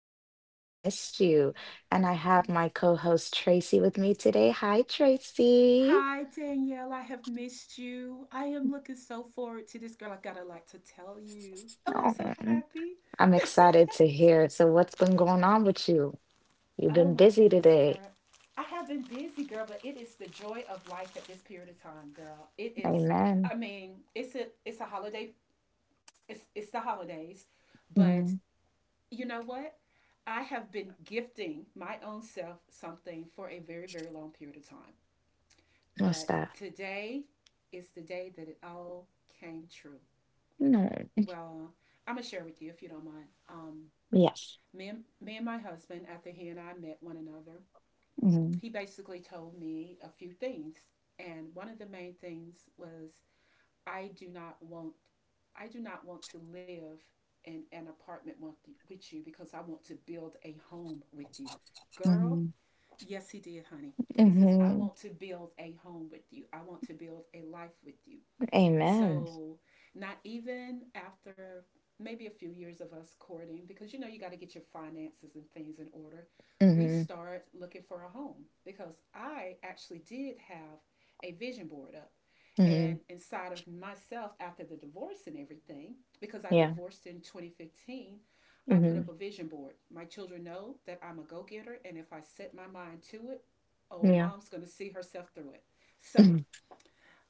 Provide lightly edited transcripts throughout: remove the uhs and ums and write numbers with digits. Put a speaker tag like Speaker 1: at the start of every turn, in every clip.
Speaker 1: Experience. We missed you. And I have
Speaker 2: Yes.
Speaker 1: my co-host Tracy with me today. Hi, Tracy.
Speaker 2: Hi Danielle, I have missed you. I am looking so forward to this girl. I gotta like to tell you. Oh, I'm
Speaker 1: Oh,
Speaker 2: so happy.
Speaker 1: I'm excited to hear. So, what's been going on with you? You've
Speaker 2: Oh my
Speaker 1: been busy
Speaker 2: goodness, girl.
Speaker 1: today.
Speaker 2: I have been busy, girl, but it is the joy of life at this period of time, girl. It is. I
Speaker 1: Amen.
Speaker 2: mean, it's a holiday. It's the holidays, but
Speaker 1: Hmm.
Speaker 2: you know what? I have been gifting my own self something for a very long period of time.
Speaker 1: What's
Speaker 2: But
Speaker 1: that?
Speaker 2: today is the day that it all came true.
Speaker 1: No.
Speaker 2: Well, I'm going to share with you if you don't mind.
Speaker 1: Yes.
Speaker 2: Me, and, me and my husband, after he and I met one another,
Speaker 1: Hmm.
Speaker 2: he basically told me a few things. And one of the main things was I do not want I do not want to live in an apartment with you because I want to build a home with you. Girl,
Speaker 1: Hmm.
Speaker 2: yes, he did, honey. He says, I want
Speaker 1: Hmm.
Speaker 2: to build a home with you. I want to build a life with you.
Speaker 1: Amen.
Speaker 2: So, not even after maybe a few years of us courting, because you know, you got to get your finances and things in order, we
Speaker 1: Hmm.
Speaker 2: start looking for a home because I actually did have a vision board up. And
Speaker 1: Hmm.
Speaker 2: inside of myself, after the divorce and everything, because I
Speaker 1: Yeah.
Speaker 2: divorced in 2015, I put
Speaker 1: Hmm.
Speaker 2: up a vision board. My children know that I'm a go getter, and if I set my mind to it, oh,
Speaker 1: Yeah.
Speaker 2: mom's going to see herself through it. So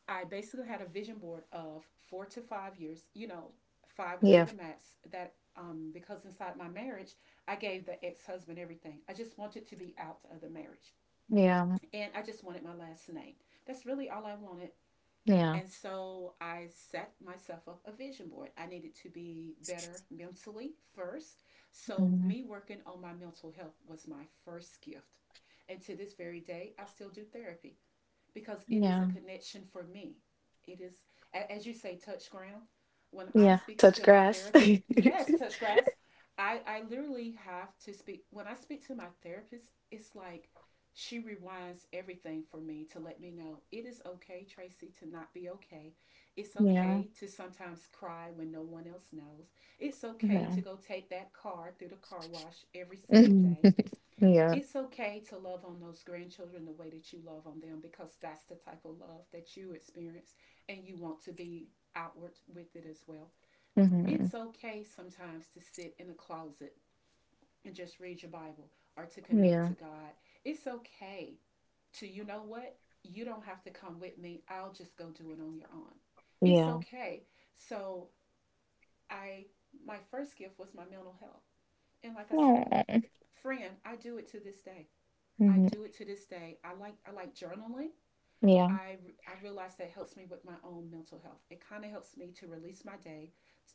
Speaker 2: I basically had a vision board of 4 to 5 years, you know, five would be
Speaker 1: Yeah.
Speaker 2: the max that because inside my marriage, I gave the ex husband everything. I just wanted to be out of the marriage.
Speaker 1: Yeah.
Speaker 2: And I just wanted my last name. That's really all I wanted.
Speaker 1: Yeah.
Speaker 2: And so I set myself up a vision board. I needed to be better mentally first. So,
Speaker 1: Hmm.
Speaker 2: me working on my mental health was my first gift. And to this very day, I still do therapy because it is a
Speaker 1: Yeah.
Speaker 2: connection for me. It is, as you say, touch ground. When I'm
Speaker 1: Yeah,
Speaker 2: speaking
Speaker 1: touch
Speaker 2: to my
Speaker 1: grass.
Speaker 2: therapist, yes, touch grass. I literally have to speak. When I speak to my therapist, it's like she rewinds everything for me to let me know it is okay, Tracy, to not be okay. It's
Speaker 1: Yeah.
Speaker 2: okay to sometimes cry when no one else knows. It's okay
Speaker 1: Yeah.
Speaker 2: to go take that car through the car wash every single
Speaker 1: Mhm.
Speaker 2: day.
Speaker 1: Yeah.
Speaker 2: It's okay to love on those grandchildren the way that you love on them because that's the type of love that you experience and you want to be outward with it as well.
Speaker 1: Hmm.
Speaker 2: It's okay sometimes to sit in a closet and just read your Bible or to connect
Speaker 1: Yeah.
Speaker 2: to God. It's okay to, you know what? You don't have to come with me. I'll just go do it on your own. It's
Speaker 1: Yeah.
Speaker 2: okay. So, I my first gift was my mental health. And like I say,
Speaker 1: Aw.
Speaker 2: friend, I do it to this day. I
Speaker 1: Mhm.
Speaker 2: do it to this day. I like journaling.
Speaker 1: Yeah.
Speaker 2: I I realize that helps me with my own mental health. It kind of helps me to release my day,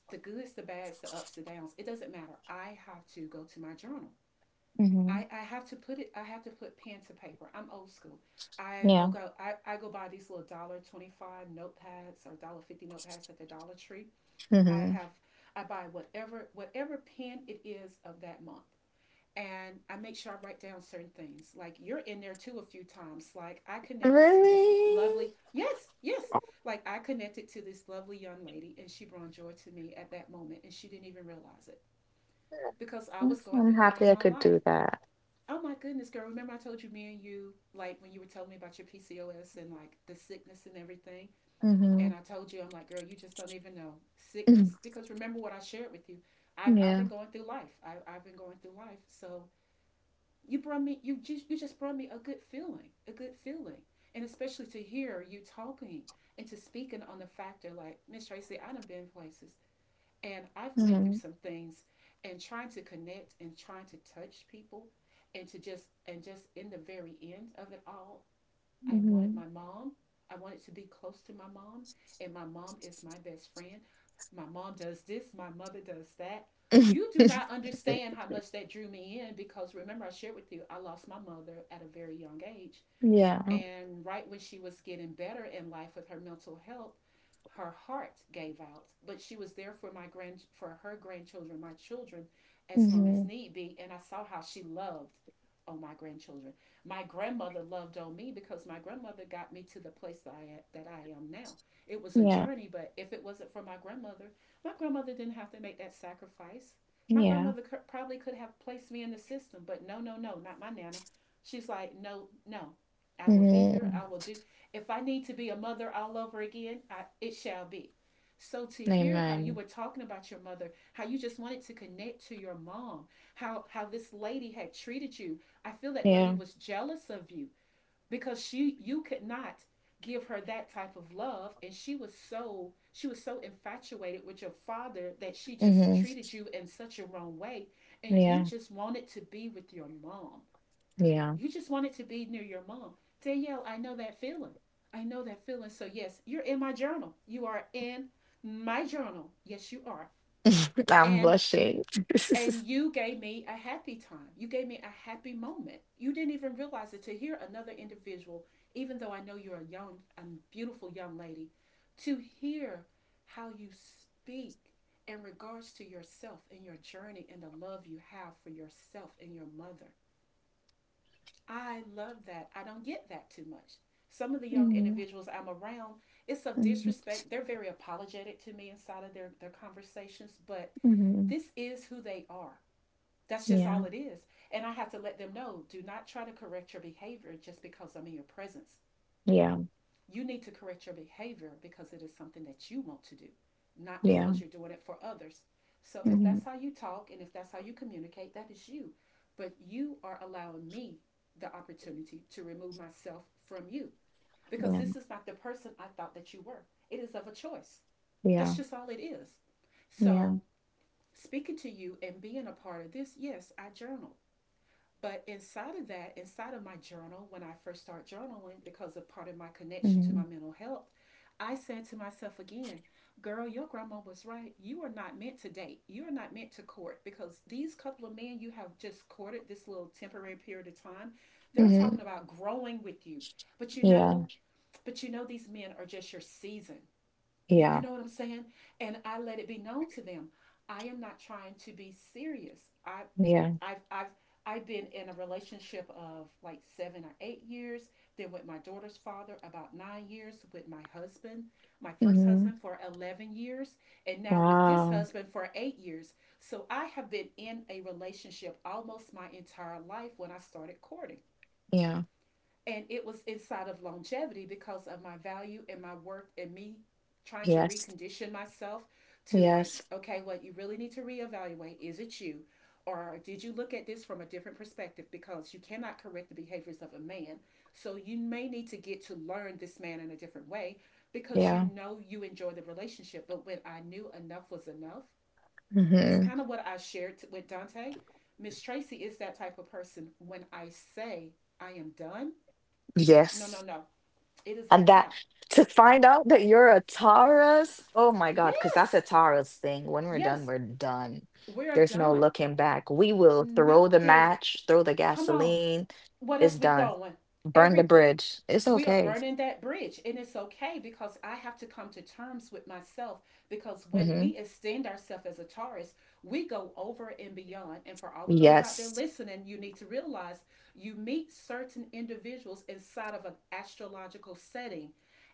Speaker 2: the goods, the bads, the ups, the downs. It doesn't matter. I have to go to my journal.
Speaker 1: Hmm.
Speaker 2: I have to put it. I have to put pen to paper. I'm old school. I I'll
Speaker 1: Yeah.
Speaker 2: go I, I go buy these little $1 25 notepads or $1 50 notepads at the Dollar Tree. I
Speaker 1: Hmm.
Speaker 2: have I buy whatever pen it is of that month and I make sure I write down certain things. Like you're in there too a few times. Like I connected to this
Speaker 1: Really?
Speaker 2: lovely yes, yes. Like I connected to this lovely young lady and she brought joy to me at that moment and she didn't even realize it. Because I was
Speaker 1: Yes,
Speaker 2: going
Speaker 1: I'm
Speaker 2: through a lot
Speaker 1: happy
Speaker 2: in
Speaker 1: I
Speaker 2: my
Speaker 1: could
Speaker 2: life.
Speaker 1: do that.
Speaker 2: Oh my goodness, girl, remember I told you me and you like when you were telling me about your PCOS and like the sickness and everything? And
Speaker 1: Hmm.
Speaker 2: I told you, I'm like, girl, you just don't even know. Sickness because remember what I shared with you. I've
Speaker 1: Yeah.
Speaker 2: been going through life. I've been going through life. So you brought me you just brought me a good feeling, and especially to hear you talking and to speaking on the factor like miss tracy I done been places and I've went
Speaker 1: Hmm.
Speaker 2: through some things and trying to connect and trying to touch people and to just and just in the very end of it all I wanted
Speaker 1: Hmm.
Speaker 2: my mom. I wanted to be close to my mom, and my mom is my best friend. My mom does this, my mother does that. You do not understand how much that drew me in because remember, I shared with you, I lost my mother at a very young age.
Speaker 1: Yeah.
Speaker 2: And right when she was getting better in life with her mental health, her heart gave out. But she was there for my grand for her grandchildren, my children, as long as
Speaker 1: Hmm.
Speaker 2: need be. And I saw how she loved on my grandchildren. My grandmother loved on me because my grandmother got me to the place that I am now. It was a
Speaker 1: Yeah.
Speaker 2: journey, but if it wasn't for my grandmother didn't have to make that sacrifice.
Speaker 1: Yeah.
Speaker 2: Probably could have placed me in the system, but no, no, no, not my nana. She's like, no, no, I will be here.
Speaker 1: Hmm.
Speaker 2: I will do. If I need to be a mother all over again, it shall be. So to hear how you
Speaker 1: Amen.
Speaker 2: were talking about your mother, how you just wanted to connect to your mom, how this lady had treated you, I feel that lady
Speaker 1: Yeah.
Speaker 2: was jealous of you because she you could not give her that type of love and she was so infatuated with your father that she just
Speaker 1: Hmm.
Speaker 2: treated you in such a wrong way and you
Speaker 1: Yeah.
Speaker 2: just wanted to be with your mom,
Speaker 1: Yeah.
Speaker 2: you just want it to be near your mom. Danielle, I know that feeling. I know that feeling. So, yes, you're in my journal. You are in my journal. Yes, you are.
Speaker 1: I'm
Speaker 2: And
Speaker 1: blushing.
Speaker 2: and you gave me a happy time. You gave me a happy moment. You didn't even realize it to hear another individual, even though I know you're a beautiful young lady, to hear how you speak in regards to yourself and your journey and the love you have for yourself and your mother. I love that. I don't get that too much. Some of the young
Speaker 1: Mhm.
Speaker 2: individuals I'm around, it's of
Speaker 1: Mm,
Speaker 2: disrespect. They're very apologetic to me inside of their conversations, but
Speaker 1: mhm.
Speaker 2: this is who they are. That's just
Speaker 1: Yeah,
Speaker 2: all it is. And I have to let them know do not try to correct your behavior just because I'm in your presence.
Speaker 1: yeah,
Speaker 2: You need to correct your behavior because it is something that you want to do, not
Speaker 1: yeah.
Speaker 2: because you're doing it for others. So if
Speaker 1: Mhm.
Speaker 2: that's how you talk and if that's how you communicate, that is you. But you are allowing me the opportunity to remove myself from you because
Speaker 1: Yeah,
Speaker 2: this is not the person I thought that you were. It is of a choice. That's
Speaker 1: yeah,
Speaker 2: just all it is.
Speaker 1: yeah.
Speaker 2: So, speaking to you and being a part of this, yes, I journaled. But inside of that, inside of my journal, when I first start journaling, because of part of my connection to my
Speaker 1: Mhm.
Speaker 2: mental health, I said to myself again, girl, your grandma was right. You are not meant to date. You are not meant to court because these couple of men you have just courted this little temporary period of time, they're talking
Speaker 1: Mhm.
Speaker 2: about growing with you. But you
Speaker 1: Yeah,
Speaker 2: know, but you know these men are just your season. You
Speaker 1: yeah,
Speaker 2: know what I'm saying? And I let it be known to them. I am not trying to be serious. I
Speaker 1: yeah.
Speaker 2: I've I've I've been in a relationship of like 7 or 8 years. Then with my daughter's father, about 9 years. With my husband, my first
Speaker 1: Mhm.
Speaker 2: husband, for 11 years, and now with this
Speaker 1: Wow.
Speaker 2: husband for 8 years. So I have been in a relationship almost my entire life when I started courting,
Speaker 1: Yeah.
Speaker 2: and it was inside of longevity because of my value and my worth and me trying to
Speaker 1: Yes.
Speaker 2: recondition myself to, like,
Speaker 1: Yes.
Speaker 2: okay, well, you really need to reevaluate, is it you or did you look at this from a different perspective? Because you cannot correct the behaviors of a man, so you may need to get to learn this man in a different way because you
Speaker 1: Yeah.
Speaker 2: know you enjoy the relationship. But when I knew enough was enough, it's
Speaker 1: Mhm.
Speaker 2: kind of what I shared with Dante. Miss Tracy is that type of person. When I say I am done, no, no,
Speaker 1: Yes.
Speaker 2: no, it is a
Speaker 1: And that,
Speaker 2: wrap.
Speaker 1: to find out that you're a Taurus, oh my God, because that's
Speaker 2: Yes,
Speaker 1: a Taurus thing. When we're done,
Speaker 2: yes,
Speaker 1: we're done.
Speaker 2: we're
Speaker 1: There's no
Speaker 2: done.
Speaker 1: looking back. We will throw the
Speaker 2: Nothing.
Speaker 1: match, throw the
Speaker 2: Come on,
Speaker 1: gasoline.
Speaker 2: what
Speaker 1: It's
Speaker 2: else we
Speaker 1: done.
Speaker 2: throwing?
Speaker 1: Burn the
Speaker 2: Everything.
Speaker 1: bridge. It's
Speaker 2: We are
Speaker 1: okay.
Speaker 2: burning that bridge, and it's okay because I have to come to terms with myself. Because when
Speaker 1: Hmm.
Speaker 2: we extend ourselves as a Taurus, we go over and beyond. And for all of those out there
Speaker 1: Yes.
Speaker 2: listening, you need to realize you meet certain individuals inside of an astrological setting,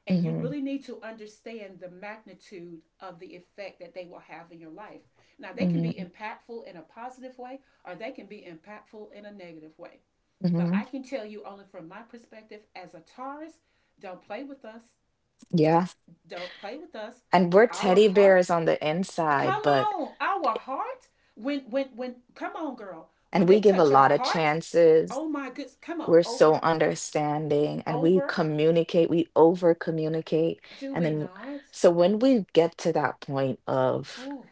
Speaker 2: and you
Speaker 1: Hmm.
Speaker 2: really need to understand the magnitude of the effect that they will have in your life. Now, they can be
Speaker 1: Hmm.
Speaker 2: impactful in a positive way, or they can be impactful in a negative way. But
Speaker 1: Hmm.
Speaker 2: I can tell you only from my perspective as a Taurus, don't play with us.
Speaker 1: Yeah.
Speaker 2: Don't play with us.
Speaker 1: And we're
Speaker 2: Our
Speaker 1: teddy
Speaker 2: heart,
Speaker 1: bears on the inside,
Speaker 2: come
Speaker 1: but,
Speaker 2: on, our heart. When come on, girl. When
Speaker 1: and
Speaker 2: they
Speaker 1: we give a
Speaker 2: touch our
Speaker 1: lot of
Speaker 2: heart,
Speaker 1: chances.
Speaker 2: oh my goodness, come on,
Speaker 1: We're so
Speaker 2: over,
Speaker 1: understanding, and we
Speaker 2: over.
Speaker 1: communicate, we over communicate.
Speaker 2: Do
Speaker 1: And
Speaker 2: we
Speaker 1: then,
Speaker 2: not?
Speaker 1: so when we get to that point of,
Speaker 2: Oh,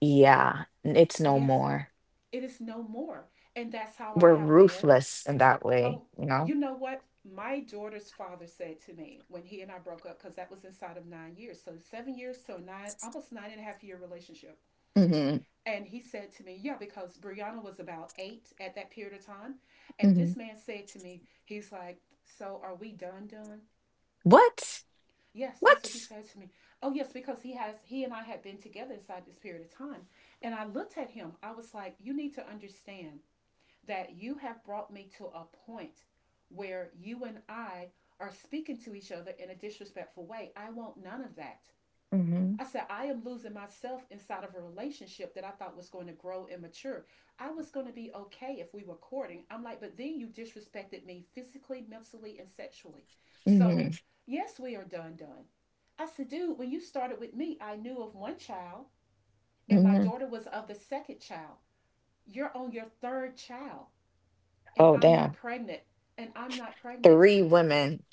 Speaker 1: yeah, n- it's no
Speaker 2: yes,
Speaker 1: more,
Speaker 2: it is no more. And that's how I
Speaker 1: we're
Speaker 2: have been.
Speaker 1: ruthless in that way,
Speaker 2: Oh,
Speaker 1: you
Speaker 2: you
Speaker 1: know?
Speaker 2: know what? My daughter's father said to me when he and I broke up, because that was inside of 9 years. So 7 years to a nine, almost nine and a half year relationship.
Speaker 1: Hmm.
Speaker 2: And he said to me, yeah, because Brianna was about eight at that period of time. And
Speaker 1: Hmm.
Speaker 2: this man said to me, he's like, so are we done, done?
Speaker 1: What?
Speaker 2: Yes, that's what he
Speaker 1: What?
Speaker 2: said to me. Oh, yes, because he has, he and I had been together inside this period of time. And I looked at him. I was like, you need to understand that you have brought me to a point where you and I are speaking to each other in a disrespectful way. I want none of that.
Speaker 1: Hmm.
Speaker 2: I said, I am losing myself inside of a relationship that I thought was going to grow and mature. I was going to be okay if we were courting. I'm like, but then you disrespected me physically, mentally, and sexually. So,
Speaker 1: Hmm.
Speaker 2: yes, we are done, done. I said, dude, when you started with me, I knew of one child, and my
Speaker 1: Hmm.
Speaker 2: daughter was of the second child. You're on your third child, and
Speaker 1: Oh,
Speaker 2: I'm not
Speaker 1: damn.
Speaker 2: pregnant, and I'm not pregnant.
Speaker 1: Three women.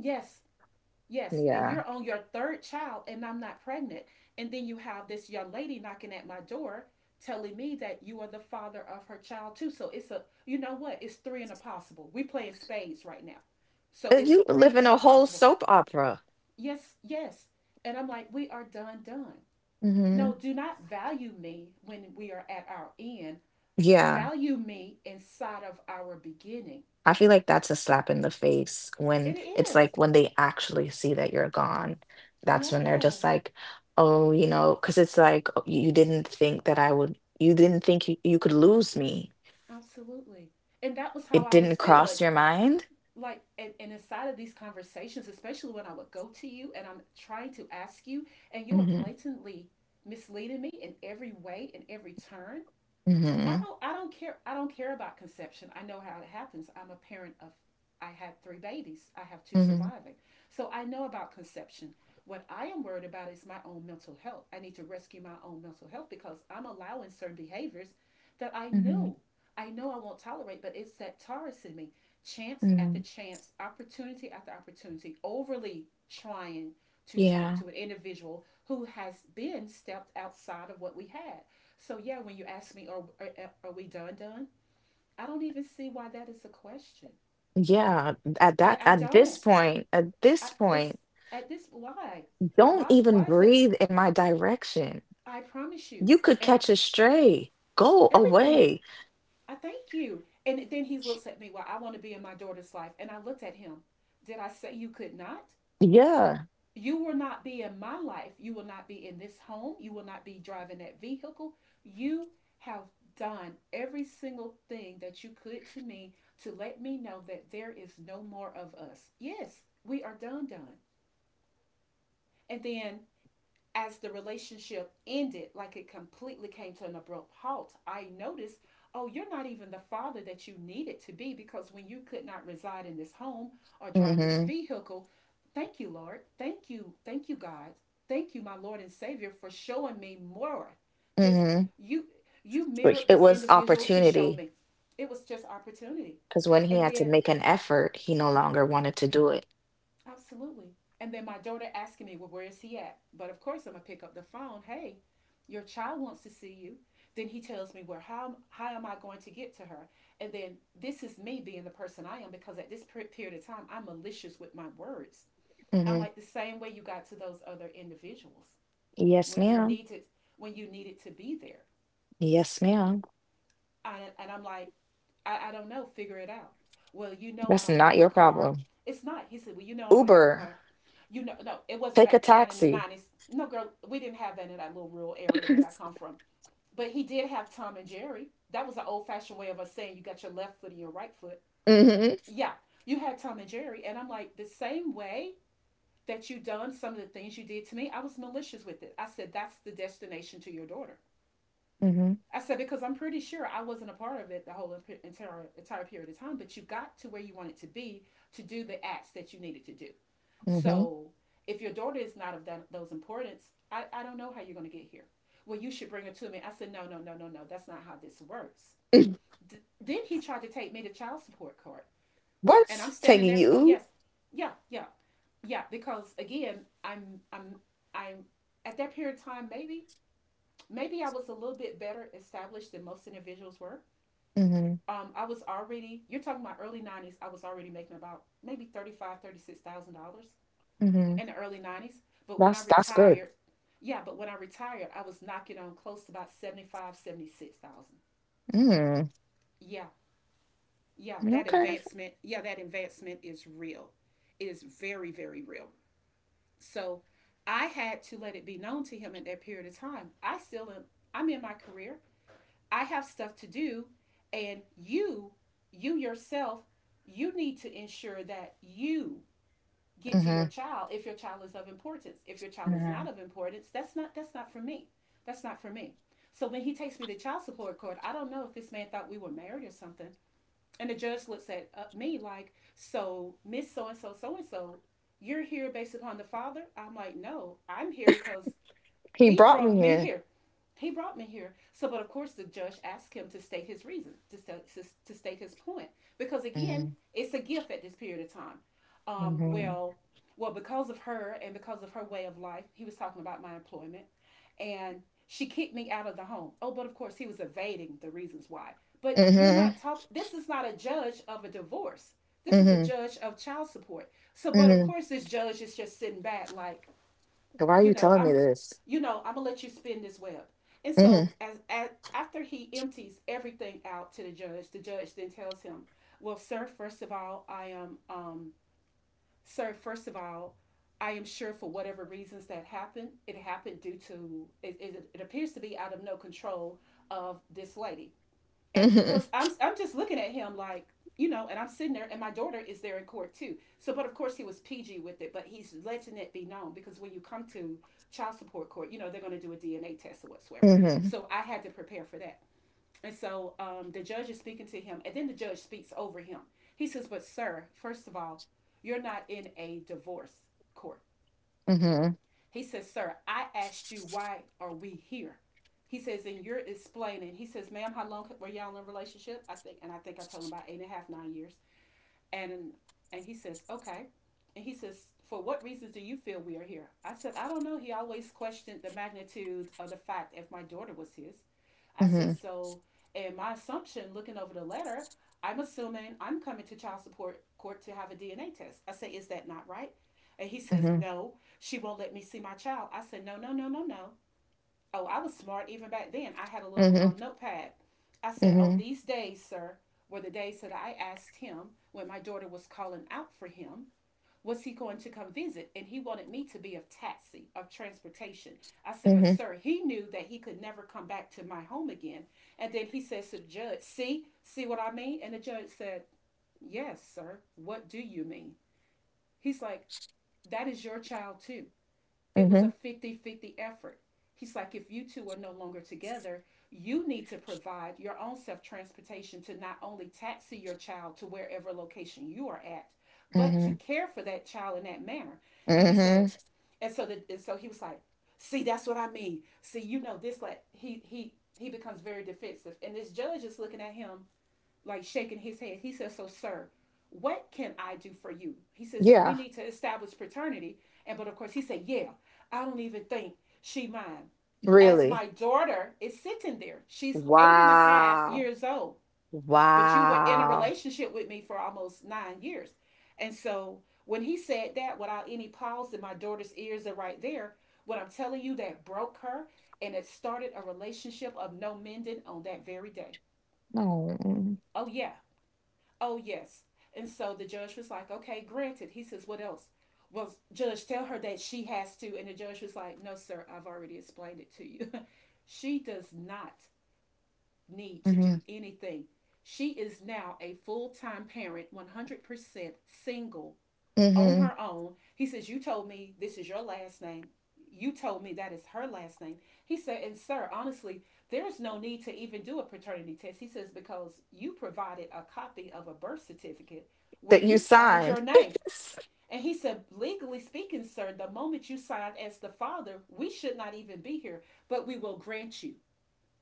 Speaker 2: Yes, yes, and
Speaker 1: Yeah.
Speaker 2: you're on your third child and I'm not pregnant. And then you have this young lady knocking at my door telling me that you are the father of her child too. So it's a, you know what? It's three and a possible. We playing spades right now. So it's
Speaker 1: You live
Speaker 2: three
Speaker 1: in
Speaker 2: and a
Speaker 1: a whole
Speaker 2: possible.
Speaker 1: soap opera.
Speaker 2: Yes, yes. And I'm like, we are done, done.
Speaker 1: Hmm.
Speaker 2: No, do not value me when we are at our end.
Speaker 1: Yeah.
Speaker 2: Value me inside of our beginning.
Speaker 1: I feel like that's a slap in the face
Speaker 2: It
Speaker 1: when it's
Speaker 2: is.
Speaker 1: like when they actually see that you're gone. That's when they're just
Speaker 2: Yes,
Speaker 1: like, oh, you know, because it's like, "Oh, you didn't think that I would, you didn't think you could lose me."
Speaker 2: absolutely. And that was how
Speaker 1: It
Speaker 2: I was
Speaker 1: didn't
Speaker 2: feeling.
Speaker 1: cross your mind.
Speaker 2: Like, and inside of these conversations, especially when I would go to you and I'm trying to ask you, and you are
Speaker 1: Hmm.
Speaker 2: blatantly misleading me in every way, in every turn. I
Speaker 1: Hmm.
Speaker 2: don't I don't care I don't care about conception. I know how it happens. I'm a parent of, I had three babies. I have two
Speaker 1: Hmm.
Speaker 2: surviving. So I know about conception. What I am worried about is my own mental health. I need to rescue my own mental health because I'm allowing certain behaviors that I
Speaker 1: Hmm.
Speaker 2: knew, I know I won't tolerate, but it's that Taurus in me. Chance after
Speaker 1: Hmm.
Speaker 2: chance, opportunity after opportunity, overly trying to talk
Speaker 1: Yeah.
Speaker 2: to an individual who has been stepped outside of what we had. So yeah, when you ask me, are we done done? I don't even see why that is a question.
Speaker 1: Yeah. At
Speaker 2: I
Speaker 1: that,
Speaker 2: I
Speaker 1: at this
Speaker 2: don't.
Speaker 1: point, at
Speaker 2: I,
Speaker 1: this
Speaker 2: it's
Speaker 1: point,
Speaker 2: at this, why
Speaker 1: don't
Speaker 2: why
Speaker 1: even
Speaker 2: why is it?
Speaker 1: breathe in my direction.
Speaker 2: I promise you,
Speaker 1: You could
Speaker 2: and I,
Speaker 1: catch a stray. Go
Speaker 2: everything.
Speaker 1: away.
Speaker 2: I thank you. And then he looks at me. Well, I want to be in my daughter's life, and I looked at him. Did I say you could not?
Speaker 1: Yeah.
Speaker 2: You will not be in my life. You will not be in this home. You will not be driving that vehicle. You have done every single thing that you could to me to let me know that there is no more of us. Yes, we are done, done. And then as the relationship ended, like it completely came to an abrupt halt, I noticed, oh, you're not even the father that you needed to be. Because when you could not reside in this home or drive this
Speaker 1: Mm-hmm.
Speaker 2: vehicle, thank you, Lord. Thank you. Thank you, God. Thank you, my Lord and Savior, for showing me more. Just
Speaker 1: Hmm.
Speaker 2: you you
Speaker 1: But
Speaker 2: mirrored
Speaker 1: it
Speaker 2: this
Speaker 1: was
Speaker 2: individual to show
Speaker 1: opportunity
Speaker 2: me. It was just opportunity.
Speaker 1: because when he
Speaker 2: And
Speaker 1: had to
Speaker 2: then,
Speaker 1: make an effort, he no longer wanted to do it.
Speaker 2: absolutely. And then my daughter asking me, well, where is he at? But of course, I'm going to pick up the phone. Hey, your child wants to see you. Then he tells me, well, how am I going to get to her? And then this is me being the person I am, because at this period of time, I'm malicious with my words. I'm
Speaker 1: Hmm.
Speaker 2: like, the same way you got to those other individuals
Speaker 1: Yes,
Speaker 2: when you
Speaker 1: ma'am.
Speaker 2: needed when you needed to be there.
Speaker 1: Yes, ma'am.
Speaker 2: I, and I'm like, I don't know, figure it out. Well, you know I
Speaker 1: That's
Speaker 2: don't
Speaker 1: not
Speaker 2: have a
Speaker 1: your
Speaker 2: car.
Speaker 1: problem.
Speaker 2: It's not. He said, well, you know I don't have a
Speaker 1: Uber,
Speaker 2: car. You know, no, it wasn't
Speaker 1: take a
Speaker 2: back, not in the
Speaker 1: taxi.
Speaker 2: nineties. No, girl, we didn't have that in that little rural area that I come from. But he did have Tom and Jerry. That was an old fashioned way of us saying you got your left foot and your right foot.
Speaker 1: Hmm.
Speaker 2: Yeah, you had Tom and Jerry, and I'm like the same way that you done some of the things you did to me. I was malicious with it. I said that's the destination to your daughter.
Speaker 1: Hmm.
Speaker 2: I said because I'm pretty sure I wasn't a part of it the whole entire period of time, but you got to where you wanted to be to do the acts that you needed to do.
Speaker 1: Hmm.
Speaker 2: So if your daughter is not of that, those importance, I don't know how you're going to get here. Well, you should bring her to me. I said, no, no, no, no, no. That's not how this works. Then he tried to take me to child support court. And I'm
Speaker 1: What's
Speaker 2: standing
Speaker 1: taking
Speaker 2: there. Oh,
Speaker 1: you?
Speaker 2: yes. Yeah, yeah. Yeah. Because again, I'm at that period of time, maybe, maybe I was a little bit better established than most individuals were.
Speaker 1: Hmm.
Speaker 2: I was already, you're talking about early 90s, I was already making about maybe $35,000, $36,000
Speaker 1: Hmm.
Speaker 2: in the early 90s. But when I
Speaker 1: That's good.
Speaker 2: retired, yeah, but when I retired, I was knocking on close to about 75, 76,000.
Speaker 1: Mm,
Speaker 2: Yeah,
Speaker 1: okay.
Speaker 2: yeah, that advancement is real. It is very, very real. So I had to let it be known to him at that period of time. I still am, I'm in my career. I have stuff to do. And you yourself, you need to ensure that you get to your
Speaker 1: Hmm.
Speaker 2: child if your child is of importance. If your child is
Speaker 1: Hmm.
Speaker 2: not of importance, that's not for me. That's not for me. So when he takes me to child support court, I don't know if this man thought we were married or something. And the judge looks at me, like, so Miss so and So, you're here based upon the father. I'm like, no, I'm here because
Speaker 1: He
Speaker 2: he
Speaker 1: brought me
Speaker 2: brought me
Speaker 1: here.
Speaker 2: here. He brought me here. So, but of course, the judge asked him to state his reason, to, to state his point, because again,
Speaker 1: Hmm.
Speaker 2: it's a gift at this period of time.
Speaker 1: Hmm.
Speaker 2: Well, well, because of her and because of her way of life, he was talking about my employment, and she kicked me out of the home. Oh, but of course, he was evading the reasons why. But you're not
Speaker 1: Hmm.
Speaker 2: talking. This is not a judge of a divorce. This is a
Speaker 1: Hmm.
Speaker 2: judge of child support. So, but of
Speaker 1: Hmm.
Speaker 2: course, this judge is just sitting back, like,
Speaker 1: Why are
Speaker 2: you
Speaker 1: you
Speaker 2: know,
Speaker 1: telling me
Speaker 2: I'm,
Speaker 1: this?
Speaker 2: you know, I'm gonna let you spin this web. And
Speaker 1: Hmm.
Speaker 2: so as after he empties everything out to the judge then tells him, well, sir, first of all, I am, sir, first of all, I am sure for whatever reasons that happened, it happened due to, it appears to be out of no control of this lady. And
Speaker 1: Hmm.
Speaker 2: because I'm just looking at him, like, you know, and I'm sitting there, and my daughter is there in court too. So, but of course he was PG with it, but he's letting it be known because when you come to child support court, you know they're going to do a DNA test or whatsoever.
Speaker 1: Hmm.
Speaker 2: So I had to prepare for that, and the judge is speaking to him, and then the judge speaks over him. He says, "But sir, first of all, you're not in a divorce court."
Speaker 1: Mhm.
Speaker 2: He says, "Sir, I asked you, why are we here? He says, and you're explaining." He says, "Ma'am, how long were y'all in a relationship?" I think, and I think I told him about eight and a half, 9 years. And and he says, "Okay." And he says, "For what reasons do you feel we are here?" I said, "I don't know. He always questioned the magnitude of the fact if my daughter was his." I said,
Speaker 1: Mhm.
Speaker 2: "So, and my assumption, looking over the letter, I'm assuming I'm coming to child support court to have a DNA test. I say, is that not right?" And he says,
Speaker 1: Mhm.
Speaker 2: "No, she won't let me see my child." I said, "No, no, no, no, no, oh, I was smart even back then. I had a little
Speaker 1: Mhm.
Speaker 2: notepad." I said, "On
Speaker 1: Mhm.
Speaker 2: these days, sir, were the days that I asked him when my daughter was calling out for him, was he going to come visit? And he wanted me to be of taxi, of transportation." I said, "But
Speaker 1: Mhm.
Speaker 2: sir, he knew that he could never come back to my home again." And then he says to the judge, "See, see what I mean?" And the judge said, "Yes, sir, what do you mean?" He's like, "That is your child too. It was a
Speaker 1: Mhm.
Speaker 2: 50-50 effort." He's like, "If you two are no longer together, you need to provide your own self transportation to not only taxi your child to wherever location you are at, but to
Speaker 1: Mhm.
Speaker 2: care for that child in that manner." And he
Speaker 1: Mhm.
Speaker 2: said, and so he was like, "See, that's what I mean. See, you know this," like he becomes very defensive, and this judge is looking at him like shaking his head. He says, "So, sir, what can I do for you?" He says, "Do we
Speaker 1: Yeah,
Speaker 2: need to establish paternity?" And but of course he said, "Yeah, I don't even think she mine." As
Speaker 1: really.
Speaker 2: my daughter is sitting there, she's eight and a half
Speaker 1: Wow.
Speaker 2: years old, but you were in a
Speaker 1: Wow.
Speaker 2: relationship with me for almost 9 years. And so when he said that without any pause and my daughter's ears are right there, what I'm telling you that broke her and it started a relationship of no mending on that very day.
Speaker 1: No.
Speaker 2: Oh yeah. Oh, yes. And so the judge was like, "Okay, granted." He says, "What else?" "Well, judge, tell her that she has to." And the judge was like, "No, sir, I've already explained it to you." She does not need to
Speaker 1: Mhm.
Speaker 2: do anything. She is now a full time parent, 100% single, on
Speaker 1: Mhm.
Speaker 2: her own. He says, "You told me this is your last name. You told me that is her last name." He said, "And sir, honestly, there is no need to even do a paternity test." He says, "Because you provided a copy of a birth certificate where
Speaker 1: That you
Speaker 2: you signed your
Speaker 1: signed.
Speaker 2: name." And he said, "Legally speaking, sir, the moment you signed as the father, we should not even be here, but we will grant you.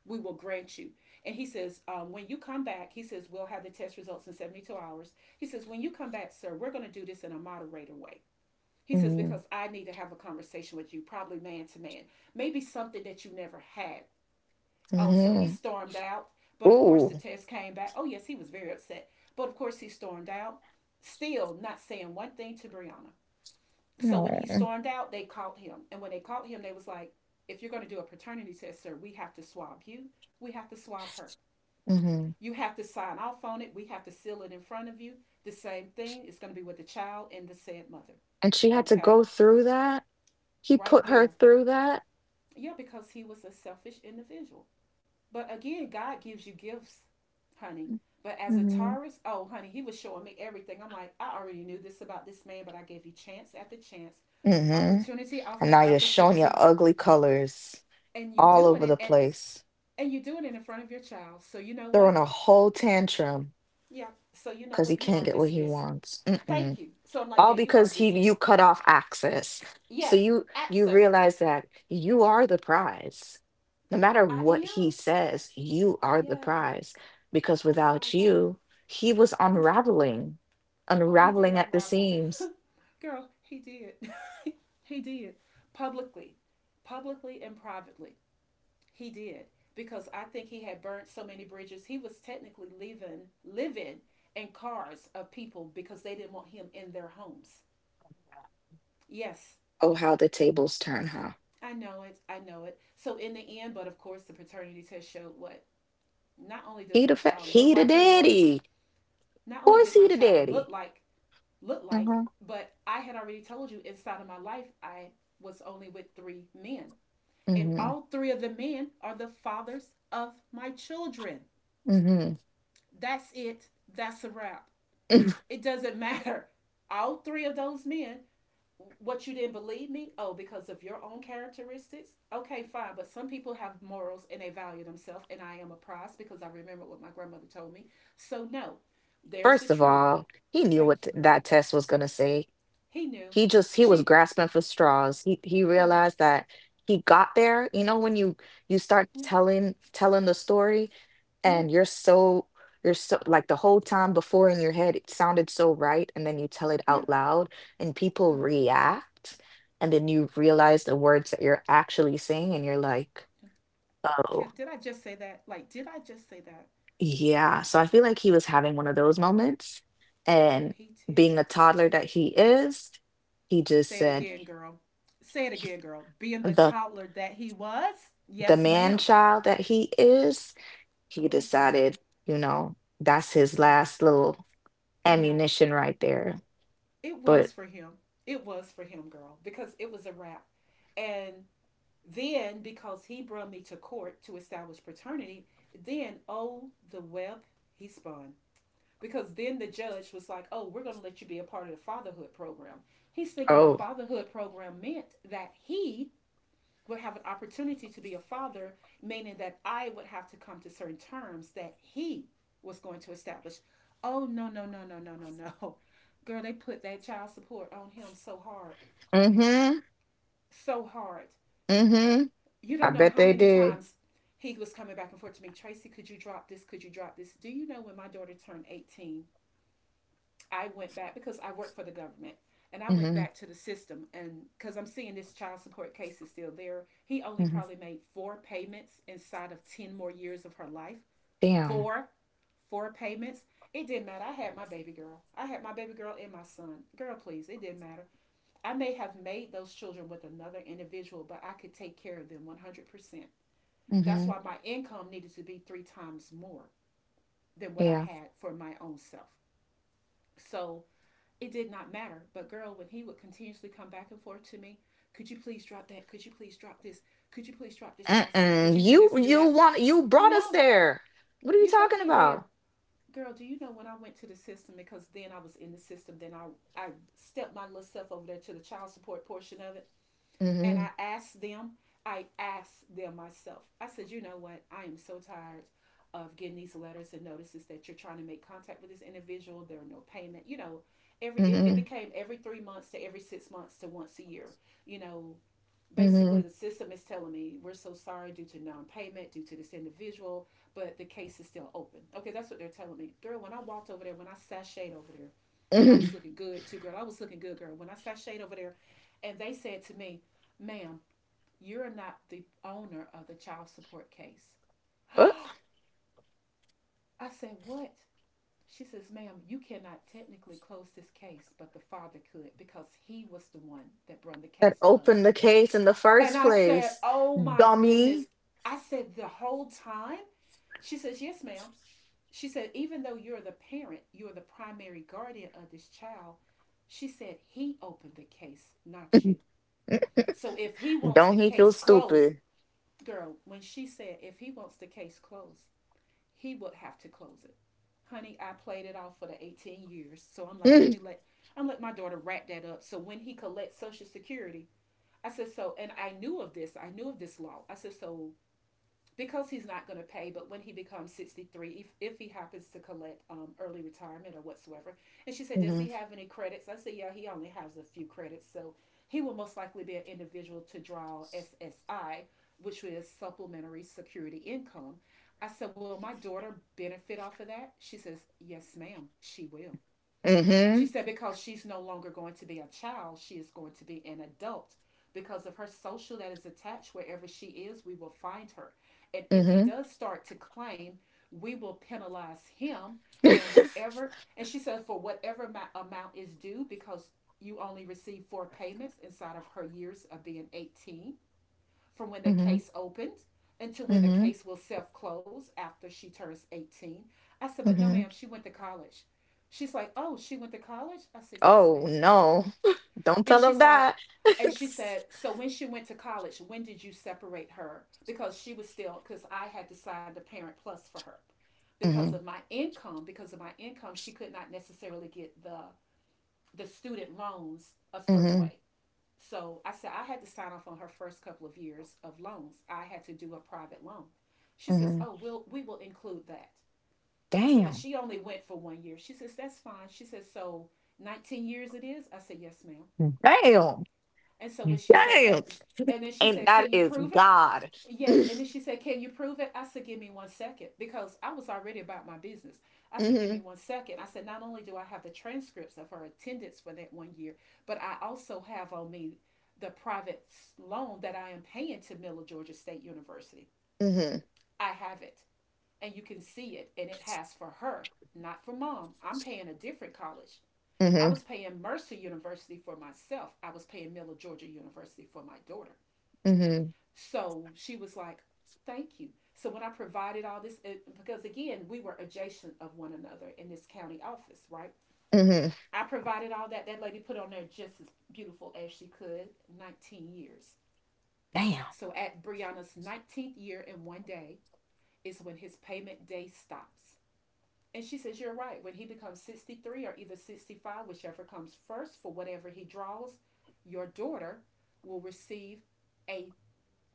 Speaker 2: We will grant you." And he says, "When you come back," he says, "we'll have the test results in 72 hours." He says, "When you come back, sir, we're going to do this in a moderator way." He says,
Speaker 1: Mhm.
Speaker 2: "Because I need to have a conversation with you, probably man to man, maybe something that you never had." Oh, so he
Speaker 1: Mhm.
Speaker 2: stormed out. But of course,
Speaker 1: Ooh.
Speaker 2: the test came back. Oh, yes, he was very upset. But of course, he stormed out, still not saying one thing to Brianna. So
Speaker 1: No.
Speaker 2: when he stormed out, they caught him. And when they caught him, they was like, "If you're going to do a paternity test, sir, we have to swab you. We have to swab her.
Speaker 1: Mhm.
Speaker 2: You have to sign off on it. We have to seal it in front of you. The same thing is going to be with the child and the said mother.
Speaker 1: And she had to
Speaker 2: Okay?"
Speaker 1: go through that. He
Speaker 2: Right
Speaker 1: put her
Speaker 2: there.
Speaker 1: through that.
Speaker 2: Yeah, because he was a selfish individual. But again, God gives you gifts, honey. But as a
Speaker 1: Mhm.
Speaker 2: Taurus, oh, honey, he was showing me everything. I'm like, I already knew this about this man, but I gave you chance after chance,
Speaker 1: Mhm.
Speaker 2: opportunity
Speaker 1: And
Speaker 2: after
Speaker 1: now you're showing your
Speaker 2: opportunity,
Speaker 1: ugly colors
Speaker 2: and you
Speaker 1: all
Speaker 2: doing
Speaker 1: over the
Speaker 2: it,
Speaker 1: place,
Speaker 2: and you doing it in front of your child. So you know
Speaker 1: throwing
Speaker 2: what?
Speaker 1: a whole tantrum,
Speaker 2: Yeah. So you know
Speaker 1: because he
Speaker 2: what? You
Speaker 1: can't
Speaker 2: are
Speaker 1: get what he
Speaker 2: dismissed.
Speaker 1: wants. Mm-mm.
Speaker 2: Thank you. So I'm like,
Speaker 1: All
Speaker 2: yeah, you are
Speaker 1: because he, you
Speaker 2: dismissed.
Speaker 1: cut off access. So
Speaker 2: Yes,
Speaker 1: you
Speaker 2: access.
Speaker 1: realize that you are the prize. No
Speaker 2: Yeah,
Speaker 1: matter
Speaker 2: I
Speaker 1: what he
Speaker 2: am.
Speaker 1: says, you are the
Speaker 2: Yes,
Speaker 1: prize, because
Speaker 2: I saw
Speaker 1: without
Speaker 2: that.
Speaker 1: you, he was
Speaker 2: Hmm.
Speaker 1: unraveling,
Speaker 2: Oh, he did
Speaker 1: unraveling at the
Speaker 2: unravel.
Speaker 1: seams.
Speaker 2: Girl, he did. He did. Publicly, publicly and privately. He did. Because I think he had burnt so many bridges. He was technically leaving, living in cars of people because they didn't want him in their homes. Yes,
Speaker 1: Oh, how the tables turn, huh?
Speaker 2: I know it. I know it. So, in the end, but of course, the paternity test showed what? Not only does
Speaker 1: He
Speaker 2: my
Speaker 1: the fa-
Speaker 2: child look
Speaker 1: he the
Speaker 2: like her daughter,
Speaker 1: daddy.
Speaker 2: not
Speaker 1: Of
Speaker 2: only
Speaker 1: course
Speaker 2: did my
Speaker 1: he the
Speaker 2: child
Speaker 1: daddy.
Speaker 2: look like looked like.
Speaker 1: Hmm.
Speaker 2: But I had already told you, inside of my life, I was only with 3 men. And
Speaker 1: Hmm.
Speaker 2: all 3 of the men are the fathers of my children.
Speaker 1: Hmm.
Speaker 2: That's it. That's a wrap. It doesn't matter. All 3 of those men, what, you didn't believe me? Oh, because of your own characteristics? Okay, fine. But some people have morals and they value themselves. And I am a prize because I remember what my grandmother told me. So, no, there's the
Speaker 1: First of
Speaker 2: truth.
Speaker 1: all, he knew what
Speaker 2: Thank you,
Speaker 1: th-
Speaker 2: girl.
Speaker 1: that test was gonna say.
Speaker 2: He knew.
Speaker 1: He just he was
Speaker 2: She,
Speaker 1: grasping for straws, he
Speaker 2: honey,
Speaker 1: realized that he got there. You know, when you start
Speaker 2: yeah.
Speaker 1: telling the story,
Speaker 2: Yeah,
Speaker 1: and you're so, you're so like, the whole time before in your head it sounded so right, and then you tell it
Speaker 2: yeah.
Speaker 1: out loud and people
Speaker 2: Ugh.
Speaker 1: react, and then you realize the words that you're actually saying and you're like, oh,
Speaker 2: Can- Did I just say that? Like, did I just say that?
Speaker 1: yeah. So I feel like he was having one of those moments,
Speaker 2: Oh,
Speaker 1: and
Speaker 2: he
Speaker 1: being a
Speaker 2: did.
Speaker 1: toddler that he is, he just
Speaker 2: Say it
Speaker 1: said
Speaker 2: again, girl. Say it again, girl. Being the
Speaker 1: the
Speaker 2: toddler that he was?
Speaker 1: the
Speaker 2: Yes,
Speaker 1: man
Speaker 2: ma'am.
Speaker 1: child that he is, he
Speaker 2: Oh, girl.
Speaker 1: decided, you know, that's his
Speaker 2: Yeah,
Speaker 1: last little
Speaker 2: yeah.
Speaker 1: ammunition right there.
Speaker 2: It
Speaker 1: But
Speaker 2: was for him. It was for him, girl, because it was a wrap. And then, because he brought me to court to establish paternity, then, oh, the web he spun. Because then the judge was like, "Oh, we're going to let you be a part of the fatherhood program." He's thinking the
Speaker 1: oh,
Speaker 2: fatherhood program meant that he would have an opportunity to be a father, meaning that I would have to come to certain terms that he was going to establish. Oh no no no no no no no, girl! They put that child support on him so hard,
Speaker 1: mm-hmm,
Speaker 2: so hard.
Speaker 1: mm-hmm.
Speaker 2: You
Speaker 1: I
Speaker 2: don't know
Speaker 1: bet
Speaker 2: how
Speaker 1: they
Speaker 2: many
Speaker 1: did.
Speaker 2: times he was coming back and forth to me. "Tracy, could you drop this? Could you drop this?" Do you know when my daughter turned 18? I went back because I work for the government, and I went
Speaker 1: Mm-hmm,
Speaker 2: back to the system and because I'm seeing this child support case is still there. He only
Speaker 1: mm-hmm.
Speaker 2: probably made 4 payments inside of 10 more years of her life.
Speaker 1: Damn.
Speaker 2: Four, four payments. It didn't matter. I had my baby girl. I had my baby girl and my son. Girl, please, it didn't matter. I may have made those children with another individual, but I could take care of them 100%. That's
Speaker 1: Mm-hmm.
Speaker 2: why my income needed to be 3 times more than what I
Speaker 1: Yeah.
Speaker 2: had for my own self. So it did not matter. But girl, when he would continuously come back and forth to me, could you please drop that? Could you please drop this? Could you please drop this child support? Could
Speaker 1: Mm-mm.
Speaker 2: you do
Speaker 1: You
Speaker 2: this and do
Speaker 1: you
Speaker 2: that?
Speaker 1: want, you brought us
Speaker 2: No,
Speaker 1: there. What are you
Speaker 2: you brought
Speaker 1: talking
Speaker 2: me there.
Speaker 1: about?
Speaker 2: Girl, do you know when I went to the system? Because then I was in the system, then I stepped my little self over there to the child support portion of it, and
Speaker 1: Mm-hmm.
Speaker 2: I asked them myself. I said, "You know what? I am so tired of getting these letters and notices that you're trying to make contact with this individual. There are no payment." You know, every, it
Speaker 1: Mm-hmm.
Speaker 2: became every 3 months to every 6 months to once a year. You know,
Speaker 1: Mm-hmm.
Speaker 2: basically the system is telling me, "We're so sorry, due to non-payment, due to this individual, but the case is still open." Okay, that's what they're telling me. Girl, when I walked over there, when I sashayed over there, and I was
Speaker 1: Mm.
Speaker 2: looking good too, girl, I was looking good, girl, when I sashayed over there, and they said to me, "Ma'am, you're not the owner of the child support case." I said, "What?" She says, "Ma'am, you cannot technically close this case, but the father could, because he was the one that brought the
Speaker 1: That
Speaker 2: case to us."
Speaker 1: opened the case in the
Speaker 2: And
Speaker 1: first
Speaker 2: I said,
Speaker 1: place.
Speaker 2: "Oh my goodness."
Speaker 1: Dummy.
Speaker 2: I said, "The whole time?" She says, "Yes, ma'am." She said, "Even though you're the parent, you're the primary guardian of this child." She said, "He opened the case, not you. So if he wants the
Speaker 1: Don't he feel
Speaker 2: case closed..."
Speaker 1: stupid?
Speaker 2: Girl, when she said, "If he wants the case closed, he would have to close it." Honey, I played it off for the 18 years. So I'm like, "Let me let..." I'm let my daughter wrap that up. So when he collects Social Security, I said, so, and I knew of this. I knew of this law. I said, so because he's not going to pay, but when he becomes 63, if he happens to collect early retirement or whatsoever. And she said, "Does
Speaker 1: Mm-hmm.
Speaker 2: he have any credits?" I said, "Yeah, he only has a few credits. So he will most likely be an individual to draw SSI, which is supplementary security income." I said, "Will my daughter benefit off of that?" She says, "Yes, ma'am, she will." She
Speaker 1: Mm-hmm.
Speaker 2: said, "Because she's no longer going to be a child, she is going to be an adult. Because of her social that is attached wherever she is, we will find her. And if he
Speaker 1: Mm-hmm.
Speaker 2: does start to claim, we will penalize him and whatever." And she said, "For whatever amount is due, because you only receive four payments inside of her years of being 18, from when the
Speaker 1: Mm-hmm.
Speaker 2: case opened until when the
Speaker 1: Mm-hmm.
Speaker 2: case will self close after she turns 18." I said, "But no, ma'am,
Speaker 1: Mm-hmm.
Speaker 2: she went to college." She's like, "Oh, she went to college?" I said, "Yes,
Speaker 1: Oh
Speaker 2: ma'am."
Speaker 1: no. Don't
Speaker 2: And
Speaker 1: tell
Speaker 2: she's
Speaker 1: them
Speaker 2: like...
Speaker 1: that.
Speaker 2: And she said, "So when she went to college, when did you separate her?" Because she was still, because I had to sign the parent plus for her. Because
Speaker 1: Mm-hmm.
Speaker 2: of my income, because of my income, she could not necessarily get the student loans a certain
Speaker 1: Mm-hmm.
Speaker 2: way. So I said, I had to sign off on her first couple of years of loans. I had to do a private loan. She says,
Speaker 1: Mm-hmm.
Speaker 2: "Oh, we'll, we will include that." I said, "But
Speaker 1: Damn.
Speaker 2: she only went for 1 year." She says, "That's fine." She says, "So 19 years it is?" I said, "Yes, ma'am."
Speaker 1: Damn.
Speaker 2: And so when
Speaker 1: Yes.
Speaker 2: she said
Speaker 1: Damn.
Speaker 2: that, and then she
Speaker 1: And
Speaker 2: said,
Speaker 1: that
Speaker 2: "Can you
Speaker 1: is
Speaker 2: prove it?"
Speaker 1: God.
Speaker 2: Yes, and then she said, "Can you prove it?" I said, "Give me one second, because I was already about my business." I said, "Give
Speaker 1: Mm-hmm.
Speaker 2: me one second. I said, not only do I have the transcripts of her attendance for that 1 year, but I also have on me the private loan that I am paying to Miller Georgia State University.
Speaker 1: Mm-hmm.
Speaker 2: I have it, and you can see it, and it has for her, not for mom. I'm paying a different college. I
Speaker 1: Mm-hmm.
Speaker 2: was paying Mercer University for myself. I was paying Miller Georgia University for my daughter."
Speaker 1: Mm-hmm.
Speaker 2: So she was like, "Thank you." So when I provided all this, because again, we were adjacent of one another in this county office, right?
Speaker 1: Mm-hmm.
Speaker 2: I provided all that. That lady put on there just as beautiful as she could, 19 years.
Speaker 1: Damn.
Speaker 2: So at Brianna's 19th year and one day is when his payment day stops. And she says, "You're right. When he becomes 63 or either 65, whichever comes first, for whatever he draws, your daughter will receive a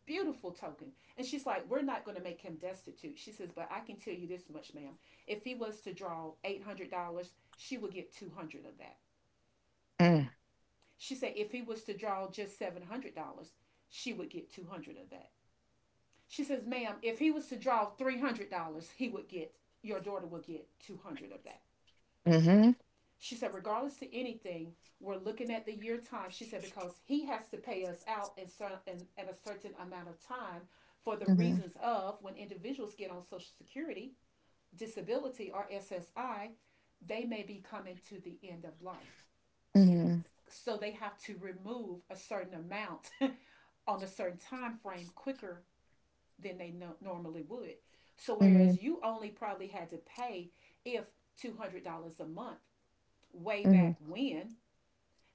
Speaker 2: beautiful token." And she's like, "We're not going to make him destitute." She says, "But I can tell you this much, ma'am. If he was to draw $800, she would get 200 of that."
Speaker 1: Mm.
Speaker 2: She said, "If he was to draw just $700, she would get 200 of that." She says, "Ma'am, if he was to draw $300, he would get, your daughter will get 200 of that."
Speaker 1: Mm-hmm.
Speaker 2: She said, "Regardless to anything, we're looking at the year time." She said, "Because he has to pay us out in, in a certain amount of time, for the
Speaker 1: Mm-hmm.
Speaker 2: reasons of when individuals get on Social Security, disability, or SSI, they may be coming to the end of life.
Speaker 1: Mm-hmm.
Speaker 2: So they have to remove a certain amount on a certain time frame quicker than they normally would. So
Speaker 1: Mm-hmm.
Speaker 2: whereas you only probably had to pay if $200 a month way
Speaker 1: Mm-hmm.
Speaker 2: back when,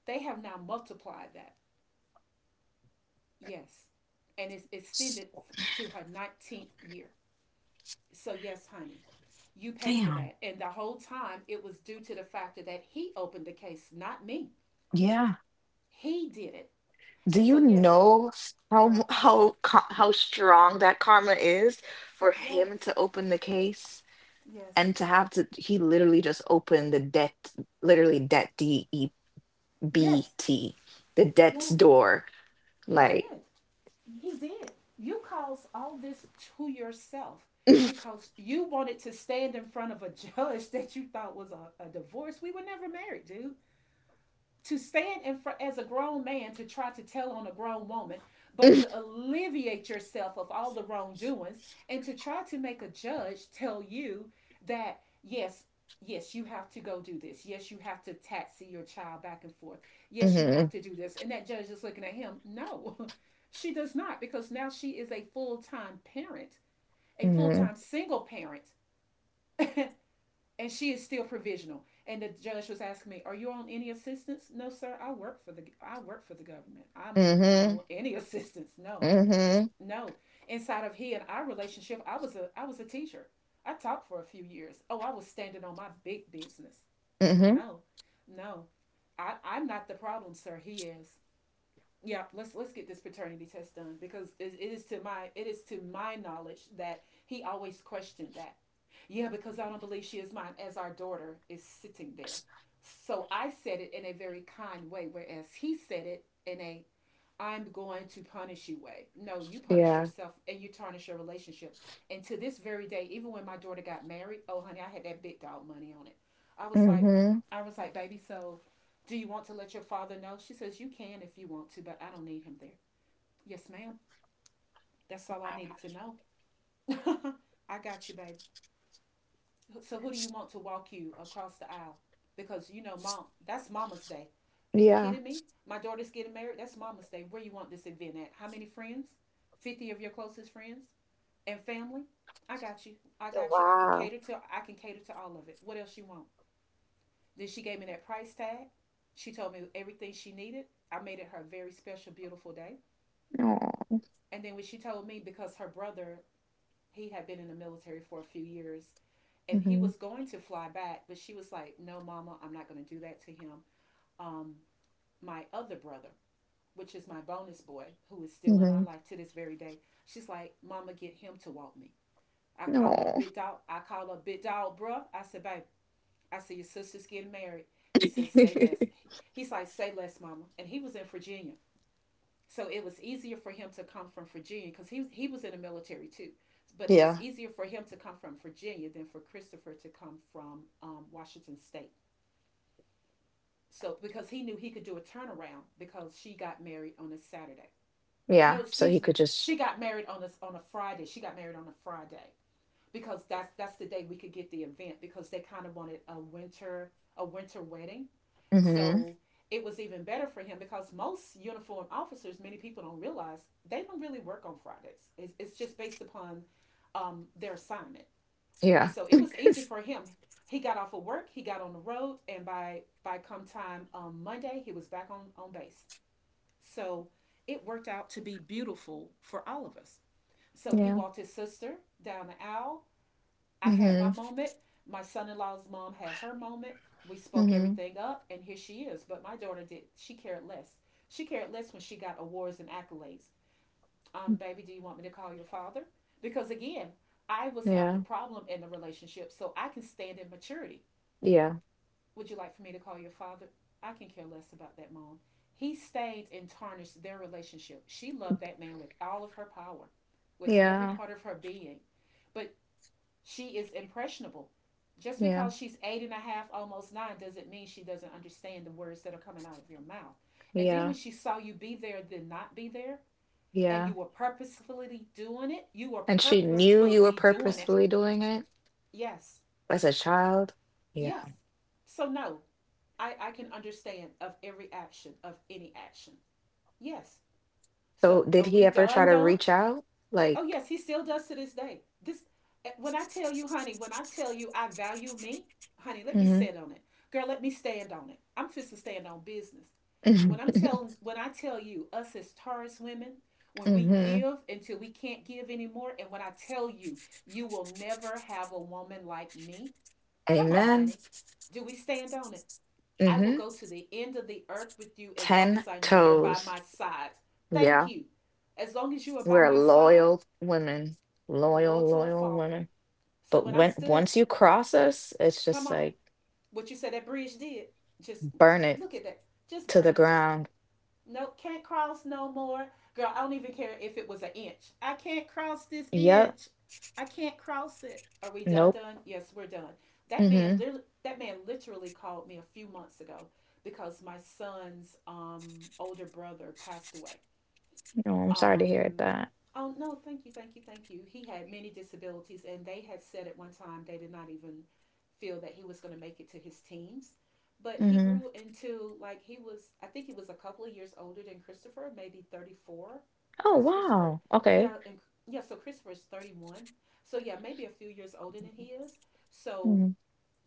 Speaker 2: they have now multiplied that." Yes. "And it's extended to her 19th year." So, yes, honey, you pay for
Speaker 1: Damn.
Speaker 2: that. And the whole time it was due to the fact that he opened the case, not me.
Speaker 1: Yeah.
Speaker 2: He did it.
Speaker 1: Do
Speaker 2: And
Speaker 1: you
Speaker 2: so, yes,
Speaker 1: know s- how
Speaker 2: girl,
Speaker 1: mu- how ca- how strong that karma is for him
Speaker 2: yes,
Speaker 1: to open the case,
Speaker 2: yes,
Speaker 1: and to have to, he literally just opened the debt, literally debt, D E B
Speaker 2: yes,
Speaker 1: T, the debt's
Speaker 2: yes,
Speaker 1: door,
Speaker 2: he
Speaker 1: like,
Speaker 2: did. He did. You caused all this to yourself because you wanted to stand in front of a judge that you thought was a divorce. We were never married, dude. To stand in front as a grown man to try to tell on a grown woman, but
Speaker 1: mhm,
Speaker 2: to alleviate yourself of all the wrongdoings and to try to make a judge tell you that yes, yes, you have to go do this. Yes, you have to taxi your child back and forth. Yes, you have
Speaker 1: mhm,
Speaker 2: to do this. And that judge is looking at him, no, she does not, because now she is a full time parent, a full
Speaker 1: mhm,
Speaker 2: time single parent. And she is still provisional. And the judge was asking me, "Are you on any assistance?" "No, sir. I work for the government. I'm not
Speaker 1: mhm,
Speaker 2: on any assistance. No,
Speaker 1: mhm,
Speaker 2: no. Inside of he and our relationship, I was a teacher. I taught for a few years." Oh, I was standing on my big business.
Speaker 1: mhm,
Speaker 2: "No, no. I'm not the problem, sir. He is..." Yeah, let's get this paternity test done, because it is to my knowledge that he always questioned that. "Yeah, because I don't believe she is mine," as our daughter is sitting there. So I said it in a very kind way, whereas he said it in a "I'm going to punish you" way. No, you punish
Speaker 1: yeah,
Speaker 2: yourself and you tarnish your relationship. And to this very day, even when my daughter got married, oh honey, I had that big dog money on it. I was like,
Speaker 1: mhm,
Speaker 2: I was like, "Baby, so do you want to let your father know?" She says, "You can if you want to, but I don't need him there." "Yes, ma'am. That's all I needed to know." "I got you, baby. So who do you want to walk you across the aisle? Because you know, mom, that's Mama's Day. Are you
Speaker 1: yeah,
Speaker 2: kidding me? My daughter's getting married. That's Mama's Day. Where you want this event at? How many friends?" "50 of your closest friends and family." "I got you.
Speaker 1: wow,
Speaker 2: I can cater to all of it. What else you want?" Then she gave me that price tag. She told me everything she needed. I made it her very special, beautiful day.
Speaker 1: no,
Speaker 2: And then when she told me, because her brother, he had been in the military for a few years and he
Speaker 1: mhm,
Speaker 2: was going to fly back, but she was like, "No, Mama, I'm not going to do that to him." Um, my other brother, which is my bonus boy, who is still in our
Speaker 1: mhm,
Speaker 2: life to this very day, she's like, "Mama, get him to walk me." I call up
Speaker 1: no.
Speaker 2: big dog. I call up big dog, bruh. I said, "Babe, I said your sister's getting married." He says, "Say less." He's like, "Say less, Mama," and he was in Virginia. So it was easier for him to come from Virginia because he was in the military too. But it was
Speaker 1: Yeah,
Speaker 2: easier for him to come from Virginia than for Christopher to come from Washington State. So because he knew he could do a turnaround because she got married on a Saturday.
Speaker 1: yeah,
Speaker 2: No,
Speaker 1: so he
Speaker 2: excuse
Speaker 1: could
Speaker 2: me,
Speaker 1: just.
Speaker 2: she got married on a Friday. She got married on a Friday because that's the day we could get the event because they kind of wanted a winter wedding,
Speaker 1: Mhm.
Speaker 2: so it was even better for him because most uniform officers, many people don't realize, they don't really work on Fridays. It's just based upon their assignment.
Speaker 1: Yeah.
Speaker 2: And so it was easy for him. He got off of work, he got on the road, and by come time Monday, he was back on base. So it worked out to be beautiful for all of us. So he
Speaker 1: Yeah.
Speaker 2: walked his sister down the aisle. I had my
Speaker 1: Mhm.
Speaker 2: moment. My son in law's mom had her moment. We spoke
Speaker 1: Mhm.
Speaker 2: everything up, and here she is. But my daughter did, she cared less. She cared less when she got awards and accolades. "Baby, do you want me to call your father? Because again, I was not the
Speaker 1: Yeah.
Speaker 2: problem in the relationship, so I can stand in maturity.
Speaker 1: Yeah.
Speaker 2: Would you like for me to call your father? I can care less about that, mom. He stayed and tarnished their relationship. She loved that man with all of her power, with every
Speaker 1: Yeah.
Speaker 2: part of her being. But she is impressionable. Just
Speaker 1: Yeah.
Speaker 2: because she's eight and a half, almost nine, doesn't mean she doesn't understand the words that are coming out of your mouth. And then
Speaker 1: Yeah.
Speaker 2: when she saw you be there, then not be there, and
Speaker 1: Yeah.
Speaker 2: you were purposefully doing it, you were
Speaker 1: And she knew you were
Speaker 2: purposefully doing it.
Speaker 1: purposefully doing it
Speaker 2: Yes,
Speaker 1: as a child. Yeah.
Speaker 2: yes. So, no, I can understand of every action, of any action. Yes.
Speaker 1: So
Speaker 2: So,
Speaker 1: did
Speaker 2: are
Speaker 1: he
Speaker 2: we
Speaker 1: ever try
Speaker 2: done,
Speaker 1: to
Speaker 2: done?
Speaker 1: reach out?
Speaker 2: Oh
Speaker 1: Like,
Speaker 2: yes, he still does to this day. This when I tell you, honey, when I tell you I value me, honey, let me
Speaker 1: mhm.
Speaker 2: sit on it. Girl, let me stand on it. I'm fist to stand on business.
Speaker 1: Mhm.
Speaker 2: When I tell you us as Taurus women, when we
Speaker 1: Mhm.
Speaker 2: give until we can't give anymore, and when I tell you you will never have a woman like me, come on,
Speaker 1: Amen.
Speaker 2: honey. Do we stand on it? I will
Speaker 1: Mhm.
Speaker 2: go to the end of the earth with you as long as
Speaker 1: 10
Speaker 2: I know you're by
Speaker 1: toes.
Speaker 2: my side. Thank
Speaker 1: Yeah.
Speaker 2: you. As long as you are by
Speaker 1: We're
Speaker 2: my side,
Speaker 1: loyal women. Loyal,
Speaker 2: loyal to a
Speaker 1: loyal
Speaker 2: fault.
Speaker 1: women. But
Speaker 2: So when
Speaker 1: when
Speaker 2: I
Speaker 1: once
Speaker 2: stood,
Speaker 1: you cross us, it's
Speaker 2: come
Speaker 1: just
Speaker 2: on,
Speaker 1: like,
Speaker 2: what you said that bridge did, just
Speaker 1: burn it
Speaker 2: look at that, just
Speaker 1: to the
Speaker 2: burning.
Speaker 1: ground.
Speaker 2: No, can't cross no more. Girl, I don't even care if it was an inch. I can't cross this
Speaker 1: Yep.
Speaker 2: inch. I can't cross it. Are we done?
Speaker 1: Nope.
Speaker 2: Done? Yes, we're done.
Speaker 1: Mhm.
Speaker 2: That man, literally called me a few months ago because my son's older brother passed away.
Speaker 1: No, I'm sorry to hear
Speaker 2: Um,
Speaker 1: that.
Speaker 2: oh no, thank you, thank you, thank you. He had many disabilities, and they had said at one time they did not even feel that he was going to make it to his teens. But he
Speaker 1: Mhm.
Speaker 2: grew into like he was. I think he was a couple of years older than Christopher, maybe 34,
Speaker 1: Oh,
Speaker 2: because Christopher,
Speaker 1: wow. Okay.
Speaker 2: yeah, and yeah, so Christopher is 31. So yeah, maybe a few years older than he is. So
Speaker 1: Mhm.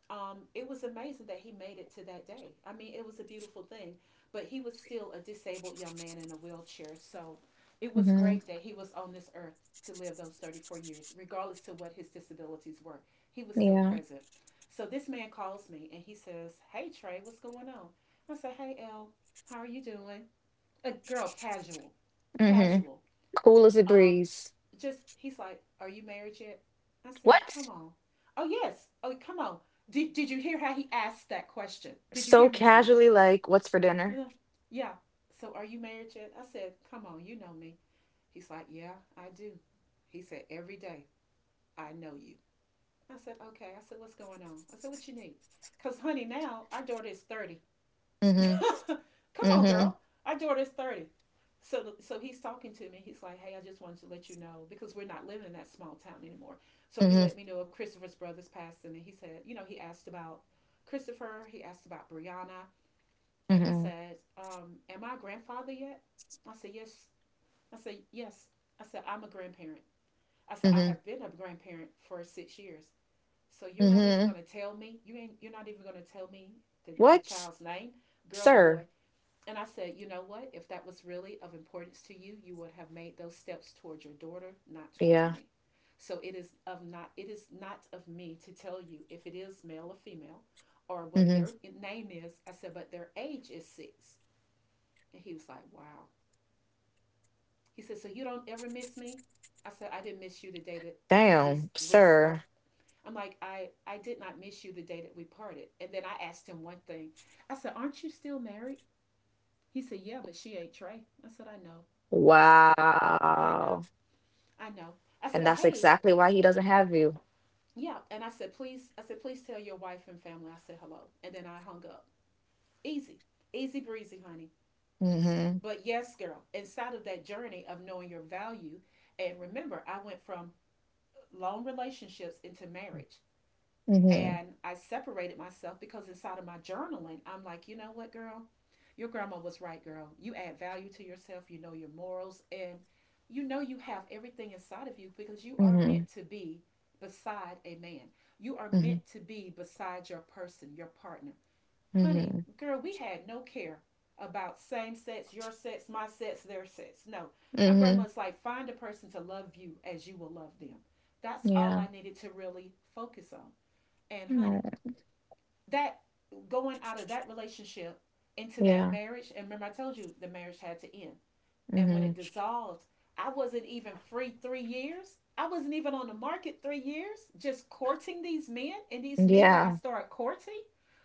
Speaker 2: it was amazing that he made it to that day. I mean, it was a beautiful thing, but he was still a disabled young man in a wheelchair. So it was
Speaker 1: Mhm.
Speaker 2: great that he was on this earth to live those 34 years, regardless to what his disabilities were. He was still
Speaker 1: Yeah.
Speaker 2: present. So this man calls me and he says, "Hey, Trey, what's going on?" I said, "Hey, El, how are you doing?" A girl, casual,
Speaker 1: Mhm.
Speaker 2: casual.
Speaker 1: Cool as a
Speaker 2: Um,
Speaker 1: breeze.
Speaker 2: just he's like, "Are you married yet?" I said, "Come
Speaker 1: What?
Speaker 2: on." Oh yes. Oh come on. Did you hear how he asked that question? Did you
Speaker 1: So
Speaker 2: hear me, honey?
Speaker 1: casually, like, what's for dinner?
Speaker 2: "Uh, yeah. So are you married yet?" I said, "Come on, you know me." He's like, "Yeah, I do." He said, "Every day I know you." I said, "Okay." I said, "What's going on?" I said, "What you need?" Cause honey, now our daughter is 30.
Speaker 1: Mhm.
Speaker 2: Come on,
Speaker 1: Mhm.
Speaker 2: girl. Our daughter is 30. So he's talking to me. He's like, "Hey, I just wanted to let you know because we're not living in that small town anymore." So he
Speaker 1: Mhm.
Speaker 2: let me know of Christopher's brother's passing, and he said, "You know, he asked about Christopher. He asked about Brianna, and he
Speaker 1: Mhm.
Speaker 2: said, am I a grandfather yet?" I said, "Yes." I said, "Yes." I said, "I'm a grandparent." I said, "I
Speaker 1: Mhm.
Speaker 2: have been a grandparent for 6 years." So you're not even
Speaker 1: Mhm.
Speaker 2: gonna tell me you're not even gonna tell me the
Speaker 1: What?
Speaker 2: child's name, girl or boy.
Speaker 1: Sir.
Speaker 2: And I said, you know what? If that was really of importance to you, you would have made those steps toward your daughter, not toward
Speaker 1: Yeah.
Speaker 2: me. So it is not of me to tell you if it is male or female or what
Speaker 1: Mhm.
Speaker 2: their name is. I said, but their age is six. And he was like, wow. He said, "So you don't ever miss me?" I said, "I didn't miss you the day that we
Speaker 1: Damn,
Speaker 2: we
Speaker 1: sir.
Speaker 2: sparked." I'm like, I did not miss you the day that we parted." And then I asked him one thing. I said, "Aren't you still married?" He said, "Yeah, but she ain't Trey." I said, "I know. I
Speaker 1: Wow.
Speaker 2: know. I know." I said,
Speaker 1: And
Speaker 2: "But
Speaker 1: that's
Speaker 2: hey,
Speaker 1: exactly why he doesn't have you.
Speaker 2: yeah." And I said, "Please," I said, "please tell your wife and family I said hello." And then I hung up. Easy. Easy breezy, honey.
Speaker 1: Mhm.
Speaker 2: But yes, girl, inside of that journey of knowing your value, and remember, I went from long relationships into marriage.
Speaker 1: Mhm.
Speaker 2: And I separated myself because inside of my journaling, I'm like, you know what, girl? Your grandma was right, girl. You add value to yourself, you know your morals, and you know you have everything inside of you because you are
Speaker 1: Mhm.
Speaker 2: meant to be beside a man. You are
Speaker 1: Mhm.
Speaker 2: meant to be beside your person, your partner. Honey,
Speaker 1: Mhm.
Speaker 2: girl, we had no care about same sex, your sex, my sex, their sex. No. My
Speaker 1: Mhm.
Speaker 2: grandma's like, find a person to love you as you will love them. That's all
Speaker 1: Yeah.
Speaker 2: I needed to really focus on. And
Speaker 1: No.
Speaker 2: honey, that going out of that relationship into that
Speaker 1: Yeah.
Speaker 2: marriage, and remember I told you the marriage had to end. And when
Speaker 1: Mhm.
Speaker 2: it dissolved, I wasn't even free 3 years. I wasn't even on the market 3 years, just courting these men and these men that I
Speaker 1: Yeah.
Speaker 2: started courting.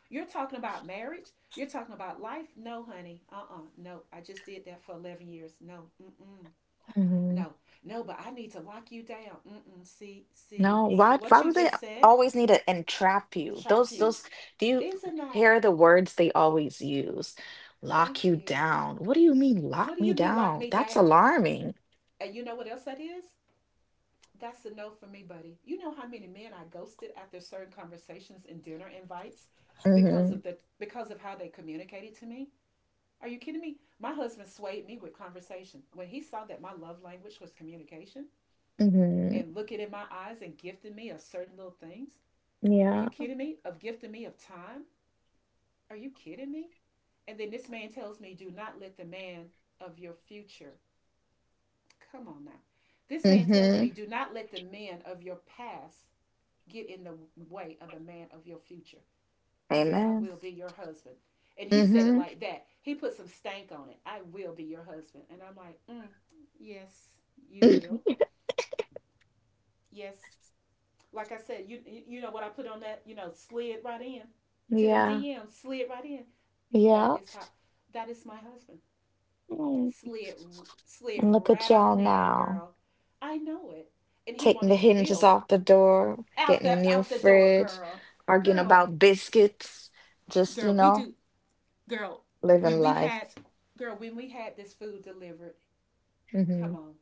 Speaker 2: You're talking about marriage. You're talking about life. No, honey. Uh, no, I just did that for 11 years. No, mm-mm.
Speaker 1: Mhm.
Speaker 2: No, no, but I need to lock you down. Mm-mm. See, see,
Speaker 1: No,
Speaker 2: see
Speaker 1: why
Speaker 2: what
Speaker 1: why
Speaker 2: you
Speaker 1: do they
Speaker 2: just said?
Speaker 1: always need to entrap you?
Speaker 2: Try
Speaker 1: Those
Speaker 2: few.
Speaker 1: those do you
Speaker 2: Isn't that?
Speaker 1: hear the words they always use? Lock
Speaker 2: Thank
Speaker 1: you
Speaker 2: you.
Speaker 1: down. What do you mean lock
Speaker 2: What do you
Speaker 1: me
Speaker 2: mean lock
Speaker 1: down?
Speaker 2: me
Speaker 1: That's
Speaker 2: down?
Speaker 1: alarming.
Speaker 2: And you know what else that is? That's a no for me, buddy. You know how many men I ghosted after certain conversations and dinner invites because
Speaker 1: Mhm.
Speaker 2: of how they communicated to me? Are you kidding me? My husband swayed me with conversation. When he saw that my love language was communication
Speaker 1: Mhm.
Speaker 2: and looking in my eyes and gifting me of certain little things, are you
Speaker 1: Yeah.
Speaker 2: kidding me? Of gifting me of time? Are you kidding me? And then this man tells me, do not let the man of your future come on now. This man tells
Speaker 1: Mhm.
Speaker 2: me, "Do not let the man of your past get in the way of the man of your future. He says, I
Speaker 1: Amen.
Speaker 2: will be your husband." And he said it
Speaker 1: Mhm.
Speaker 2: like that. He put some stank on it. "I will be your husband." And I'm like, mm, yes, you will. Yes. Like I said, you know what I put on that, you know, slid right in to them
Speaker 1: Yeah.
Speaker 2: DMs, slid right in. That
Speaker 1: Yeah.
Speaker 2: is how that is my husband.
Speaker 1: Mm.
Speaker 2: Slid slid
Speaker 1: And look at
Speaker 2: right
Speaker 1: y'all
Speaker 2: on in,
Speaker 1: now,
Speaker 2: girl. I know it. And he
Speaker 1: taking the
Speaker 2: wanted to
Speaker 1: hinges
Speaker 2: build.
Speaker 1: off the door,
Speaker 2: out
Speaker 1: getting a
Speaker 2: the
Speaker 1: new
Speaker 2: out the door,
Speaker 1: fridge,
Speaker 2: girl.
Speaker 1: arguing
Speaker 2: Girl,
Speaker 1: about biscuits, just, you
Speaker 2: girl, we
Speaker 1: know,
Speaker 2: do girl, when
Speaker 1: living
Speaker 2: we had
Speaker 1: life.
Speaker 2: girl, when we had this food delivered, come
Speaker 1: Hmm.
Speaker 2: on,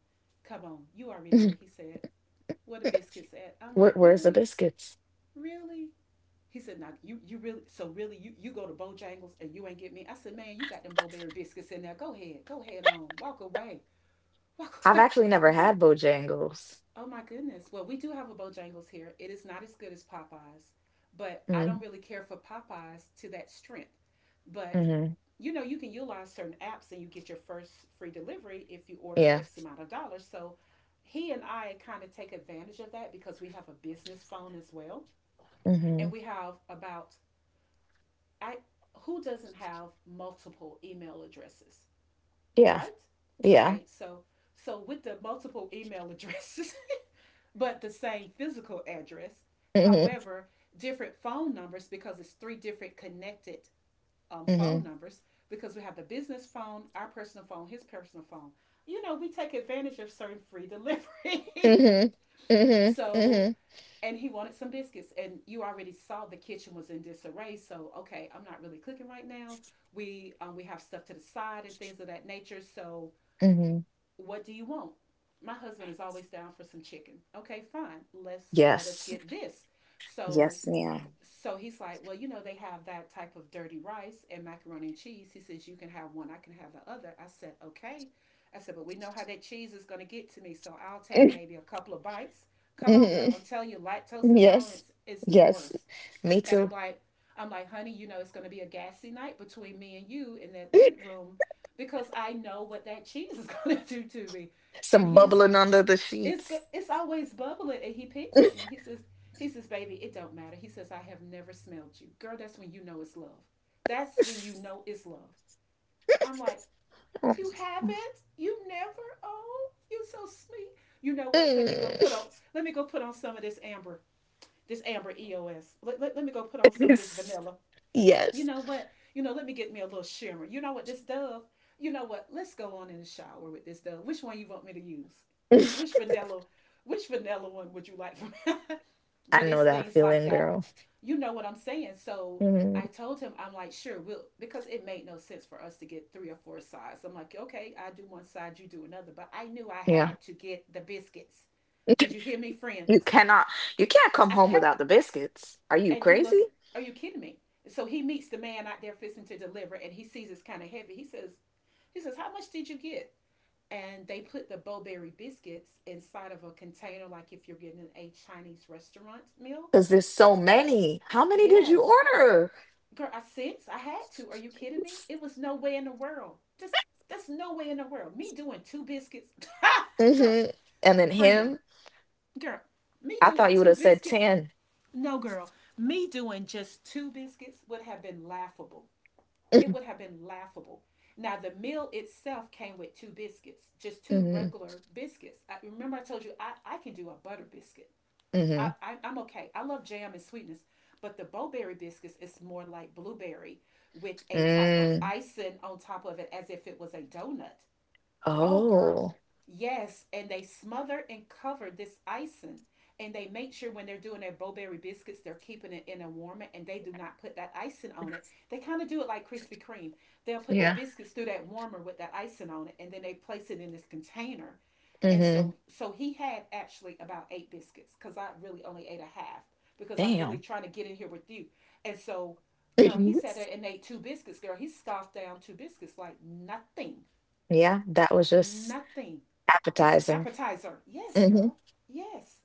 Speaker 2: come on. You already know what he said. "Where the biscuits at?" I'm
Speaker 1: Where,
Speaker 2: like,
Speaker 1: where's the
Speaker 2: "Really?
Speaker 1: biscuits?
Speaker 2: Really?" He said, "Nah, you really so really you you go to Bojangles and you ain't get me." I said, "Man, you got them Bowberry biscuits in there. Go ahead on, walk away, walk
Speaker 1: I've
Speaker 2: away,
Speaker 1: actually never
Speaker 2: girl."
Speaker 1: had Bojangles.
Speaker 2: Oh my goodness. Well, we do have a Bojangles here. It is not as good as Popeyes, but I don't
Speaker 1: Mm-hmm.
Speaker 2: really care for Popeyes to that strength. But
Speaker 1: Mm-hmm.
Speaker 2: you know, you can utilize certain apps and you get your first free delivery if you order
Speaker 1: Yeah.
Speaker 2: X amount of dollars. So he and I kind of take advantage of that because we have a business phone as well.
Speaker 1: Hmm.
Speaker 2: And we have about I who doesn't have multiple email addresses,
Speaker 1: Yeah.
Speaker 2: right?
Speaker 1: Yeah.
Speaker 2: Okay, so with the multiple email addresses, but the same physical address.
Speaker 1: Hmm.
Speaker 2: However, different phone numbers because it's three different connected
Speaker 1: Hmm.
Speaker 2: phone numbers because we have the business phone, our personal phone, his personal phone. You know, we take advantage of certain free deliveries.
Speaker 1: Hmm. Hmm.
Speaker 2: So,
Speaker 1: Hmm.
Speaker 2: and he wanted some biscuits, and you already saw the kitchen was in disarray. So, okay, I'm not really cooking right now. We have stuff to the side and things of that nature. So,
Speaker 1: Hmm.
Speaker 2: what do you want? My husband is always down for some chicken. Okay, fine. Let us
Speaker 1: Yes.
Speaker 2: get this. So
Speaker 1: Yes, ma'am.
Speaker 2: he's like, well, you know, they have that type of dirty rice and macaroni and cheese. He says you can have one, I can have the other. I said, okay. I said, but we know how that cheese is going to get to me, so I'll take maybe a couple of bites. Come on,
Speaker 1: Hmm.
Speaker 2: girl. I'm telling you, lactose
Speaker 1: Yes.
Speaker 2: intolerance is the
Speaker 1: Yes.
Speaker 2: worst.
Speaker 1: Me
Speaker 2: And
Speaker 1: too.
Speaker 2: I'm like, honey, you know, it's going to be a gassy night between me and you in that bedroom because I know what that cheese is going to do to me. And
Speaker 1: Some
Speaker 2: he's
Speaker 1: bubbling
Speaker 2: like,
Speaker 1: under the
Speaker 2: it's good.
Speaker 1: sheets.
Speaker 2: It's always bubbling. And he peeks at me. He says, baby, it don't matter. He says, I have never smelled you. Girl, that's when you know it's love. That's when you know it's love. I'm like, you
Speaker 1: Mm.
Speaker 2: haven't? You never? Oh, you so sweet. You know what? Let me go put on some of this amber EOS. Let me go put on some of this vanilla. You
Speaker 1: Yes.
Speaker 2: know what? You know, let me get me a little shimmer. You know what? This dove. You know what? Let's go on in the shower with this dove. Which one you want me to use?
Speaker 1: I
Speaker 2: Which vanilla? Which vanilla one would you like from? But
Speaker 1: know
Speaker 2: it's
Speaker 1: that
Speaker 2: things like
Speaker 1: feeling,
Speaker 2: that.
Speaker 1: girl.
Speaker 2: You know what I'm saying? So
Speaker 1: Mm,
Speaker 2: I told him, I'm like, sure, we'll, because it made no sense for us to get three or four sides. I'm like, okay, I do one side, you do another. But I knew I
Speaker 1: yeah.
Speaker 2: had to get the biscuits. Did you hear me, friend?
Speaker 1: You cannot, you can't come
Speaker 2: I
Speaker 1: home
Speaker 2: cannot.
Speaker 1: without the biscuits. Are you
Speaker 2: And he look,
Speaker 1: crazy?
Speaker 2: are you kidding me? So he meets the man out there fixing to deliver, and he sees it's kind of heavy. He says, how much did you get? And they put the bowberry biscuits inside of a container, like if you're getting a Chinese restaurant meal.
Speaker 1: Because there's so many. How many did you
Speaker 2: Yes,
Speaker 1: order?
Speaker 2: girl, I sensed I had to. Are you kidding me? It was no way in the world. Just there's no way in the world. Me doing two biscuits, girl,
Speaker 1: Hmm. And then
Speaker 2: friend,
Speaker 1: him,
Speaker 2: girl, me
Speaker 1: I thought
Speaker 2: doing
Speaker 1: you would
Speaker 2: two
Speaker 1: have said
Speaker 2: biscuits.
Speaker 1: 10.
Speaker 2: No, girl, me doing just two biscuits would have been laughable. It
Speaker 1: Hmm.
Speaker 2: would have been laughable. Now the meal itself came with two biscuits, just two regular biscuits. Remember I told you, I can do a butter biscuit.
Speaker 1: Hmm.
Speaker 2: I'm okay. I love jam and sweetness, but the bowberry biscuits is more like blueberry with a type of
Speaker 1: Mm.
Speaker 2: icing on top of it as if it was a donut. Oh, girl.
Speaker 1: Oh,
Speaker 2: Yes. And they smother and cover this icing. And they make sure when they're doing their bowberry biscuits, they're keeping it in a warmer and they do not put that icing on it. They kind of do it like Krispy Kreme. They'll put the
Speaker 1: yeah.
Speaker 2: biscuits through that warmer with that icing on it and then they place it in this container. And
Speaker 1: Hmm.
Speaker 2: so so he had actually about eight biscuits because I really only ate a half because I'm really
Speaker 1: Damn.
Speaker 2: trying to get in here with you. And so girl, he sat there and ate two biscuits, girl. He scoffed down two biscuits like nothing.
Speaker 1: Yeah, that was just
Speaker 2: Nothing. That's an
Speaker 1: appetizing.
Speaker 2: appetizer. Yes,
Speaker 1: Hmm.
Speaker 2: girl. Yes.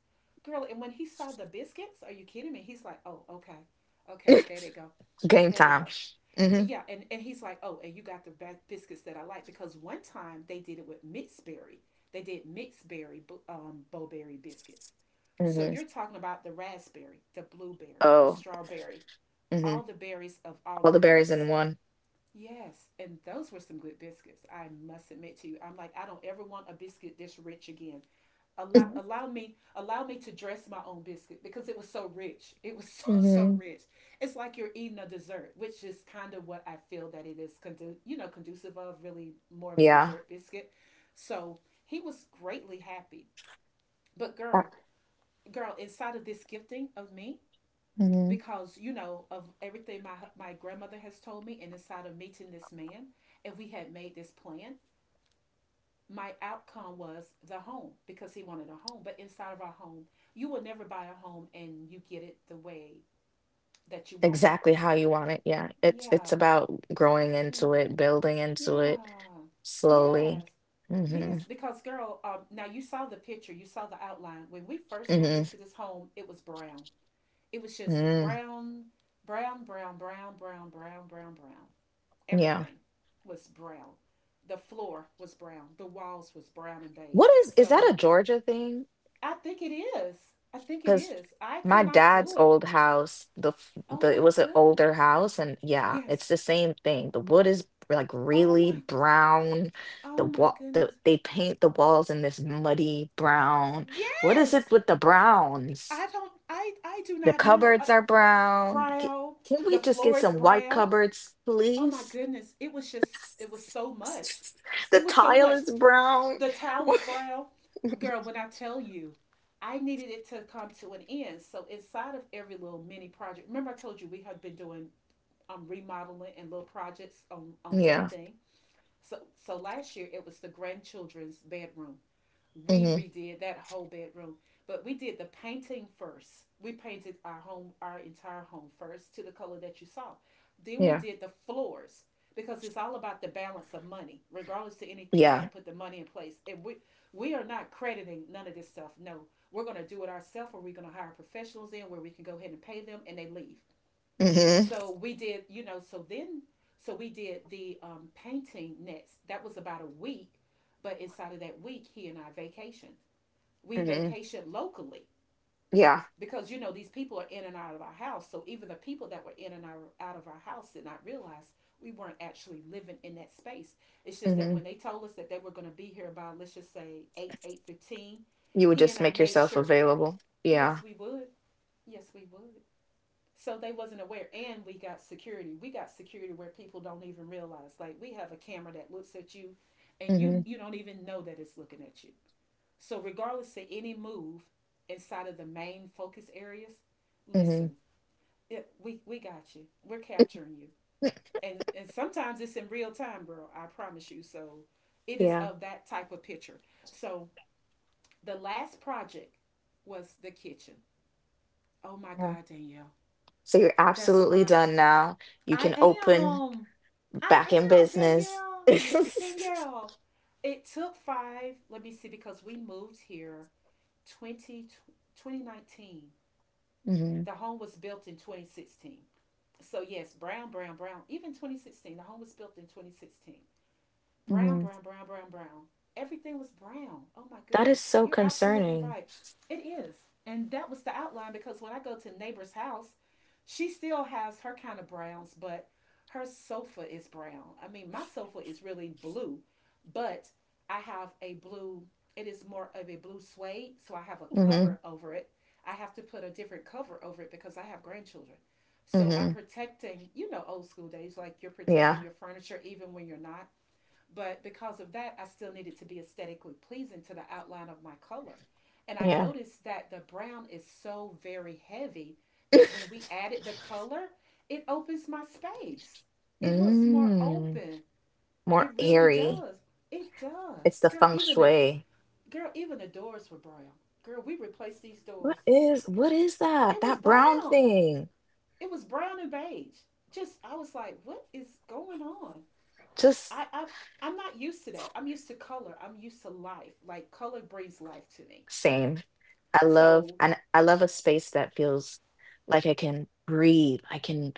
Speaker 2: Girl, and when he saw the biscuits, are you kidding me? He's like, oh, okay. Okay, there they go.
Speaker 1: Game
Speaker 2: There they go.
Speaker 1: time. Hmm.
Speaker 2: Yeah, and he's like, oh, and you got the biscuits that I like because one time they did it with mixed berry. They did mixed berry, bowberry biscuits. So
Speaker 1: Hmm.
Speaker 2: you're talking about the raspberry, the blueberry, the
Speaker 1: Oh.
Speaker 2: strawberry,
Speaker 1: Hmm.
Speaker 2: all the berries of all
Speaker 1: All
Speaker 2: the
Speaker 1: the berries
Speaker 2: goodness.
Speaker 1: in one.
Speaker 2: Yes, and those were some good biscuits. I must admit to you, I'm like, I don't ever want a biscuit this rich again. Allow allow me allow me to dress my own biscuit because it was so rich. It was so
Speaker 1: Hmm.
Speaker 2: rich. It's like you're eating a dessert, which is kind of what I feel that it is conducive of really more of a
Speaker 1: Yeah.
Speaker 2: dessert biscuit. So he was greatly happy. But girl, girl, inside of this gifting of me,
Speaker 1: Hmm.
Speaker 2: because you know of everything my grandmother has told me, and inside of meeting this man, if we had made this plan, my outcome was the home, because he wanted a home. But inside of our home, you will never buy a home and you get it the way that you want it.
Speaker 1: Exactly how you want it. Yeah. It's
Speaker 2: Yeah,
Speaker 1: about growing into
Speaker 2: yeah,
Speaker 1: it, building into it
Speaker 2: yeah.
Speaker 1: slowly.
Speaker 2: Yes,
Speaker 1: Hmm.
Speaker 2: yes. Because, girl, now, you saw the picture, you saw the outline. When we first moved
Speaker 1: Hmm.
Speaker 2: into this home, it was brown. It was just
Speaker 1: Mm.
Speaker 2: brown. Brown, brown, brown, brown, brown, brown, brown,
Speaker 1: Yeah.
Speaker 2: Everything was brown. The floor was brown. The walls was brown and beige.
Speaker 1: What is that
Speaker 2: So
Speaker 1: a Georgia thing?
Speaker 2: I think it is. I think it
Speaker 1: Because
Speaker 2: is. I
Speaker 1: my
Speaker 2: could not
Speaker 1: dad's
Speaker 2: do it.
Speaker 1: old house, the f-
Speaker 2: Oh
Speaker 1: the, it
Speaker 2: my
Speaker 1: was an
Speaker 2: goodness.
Speaker 1: older house, and yeah, it's
Speaker 2: Yes.
Speaker 1: the same thing. The wood is like
Speaker 2: Oh
Speaker 1: really
Speaker 2: my.
Speaker 1: brown. The
Speaker 2: Oh my
Speaker 1: wall, the,
Speaker 2: goodness.
Speaker 1: they paint the walls in this muddy brown. What is it
Speaker 2: Yes.
Speaker 1: with the browns?
Speaker 2: I don't. I do
Speaker 1: The
Speaker 2: not know.
Speaker 1: cupboards are brown. G-
Speaker 2: Brown.
Speaker 1: Can
Speaker 2: The
Speaker 1: we just get
Speaker 2: floor is
Speaker 1: some white
Speaker 2: brown.
Speaker 1: cupboards,
Speaker 2: Oh my
Speaker 1: please?
Speaker 2: goodness. It was just. It was so much.
Speaker 1: The
Speaker 2: It was so
Speaker 1: tile
Speaker 2: much.
Speaker 1: is brown.
Speaker 2: The towel was brown. Girl, when I tell you, I needed it to come to an end. So inside of every little mini project, remember I told you we have been doing, remodeling and little projects on
Speaker 1: Yeah.
Speaker 2: everything. So so last year it was the grandchildren's bedroom. We
Speaker 1: Hmm.
Speaker 2: redid that whole bedroom, but we did the painting first. We painted our home, our entire home first, to the color that you saw. Then we
Speaker 1: Yeah.
Speaker 2: did the floors because it's all about the balance of money. Regardless to anything, you
Speaker 1: Yeah.
Speaker 2: got to put the money in place, and we are not crediting none of this stuff. No, we're going to do it ourselves, or we're going to hire professionals in where we can go ahead and pay them and they leave.
Speaker 1: Hmm.
Speaker 2: So we did, you know, so then, we did the painting next. That was about a week. But inside of that week, he and I vacationed. We
Speaker 1: Hmm.
Speaker 2: vacation locally
Speaker 1: Yeah.
Speaker 2: because, you know, these people are in and out of our house. So even the people that were in and out of our house did not realize we weren't actually living in that space. It's just that when
Speaker 1: Hmm.
Speaker 2: they told us that they were going to be here by, let's just say, 8 8:15,
Speaker 1: You would
Speaker 2: he and
Speaker 1: just
Speaker 2: I
Speaker 1: make
Speaker 2: made
Speaker 1: yourself
Speaker 2: sure.
Speaker 1: available.
Speaker 2: Yes,
Speaker 1: Yeah.
Speaker 2: we would. Yes, we would. So they wasn't aware, and we got security. We got security where people don't even realize, like, we have a camera that looks at you, and you
Speaker 1: Mhm.
Speaker 2: you don't even know that it's looking at you. So regardless to any move, inside of the main focus areas,
Speaker 1: Mhm.
Speaker 2: listen, we got you. We're capturing you. And sometimes it's in real time, girl, I promise you. So, it is
Speaker 1: Yeah.
Speaker 2: of that type of picture. So, the last project was the kitchen. Oh my
Speaker 1: Yeah.
Speaker 2: God, Danielle.
Speaker 1: So you're
Speaker 2: That's
Speaker 1: absolutely
Speaker 2: why
Speaker 1: done now. You
Speaker 2: I
Speaker 1: can open
Speaker 2: am. I
Speaker 1: back in
Speaker 2: am,
Speaker 1: business.
Speaker 2: Danielle. Danielle. It took five, let me see, because we moved here 20 2019.
Speaker 1: Mhm.
Speaker 2: The home was built in 2016. So yes, brown, brown, brown. Even 2016, the home was built in 2016, brown,
Speaker 1: Mhm.
Speaker 2: brown, brown, brown, brown. Everything was brown. Oh my
Speaker 1: That is
Speaker 2: goodness.
Speaker 1: so
Speaker 2: You're absolutely
Speaker 1: concerning.
Speaker 2: right. It is. And that was the outline, because when I go to neighbor's house, she still has her kind of browns, but her sofa is brown. I mean, my sofa is really blue, but I have a blue, it is more of a blue suede, so I have a
Speaker 1: Mhm.
Speaker 2: cover over it. I have to put a different cover over it because I have grandchildren. So I'm
Speaker 1: Mhm.
Speaker 2: protecting, you know, old school days, like you're protecting
Speaker 1: Yeah.
Speaker 2: your furniture even when you're not. But because of that, I still needed to be aesthetically pleasing to the outline of my color. And I
Speaker 1: Yeah.
Speaker 2: noticed that the brown is so very heavy that when we added the color, it opens my space. It looks more
Speaker 1: Mm.
Speaker 2: open.
Speaker 1: More
Speaker 2: It really
Speaker 1: airy.
Speaker 2: does. It
Speaker 1: It's
Speaker 2: does.
Speaker 1: the
Speaker 2: Girl,
Speaker 1: feng
Speaker 2: even the,
Speaker 1: shui.
Speaker 2: doors were brown. Girl, we replaced these
Speaker 1: What
Speaker 2: doors.
Speaker 1: is what is that?
Speaker 2: It was
Speaker 1: That brown
Speaker 2: brown.
Speaker 1: thing.
Speaker 2: It was brown and beige. Just, I was like, what is going on?
Speaker 1: Just
Speaker 2: I, I I'm not used to that. I'm used to color. I'm used to life. Like, color brings life to me.
Speaker 1: Same. I love,
Speaker 2: So
Speaker 1: and I love a space that feels like I can breathe. I can,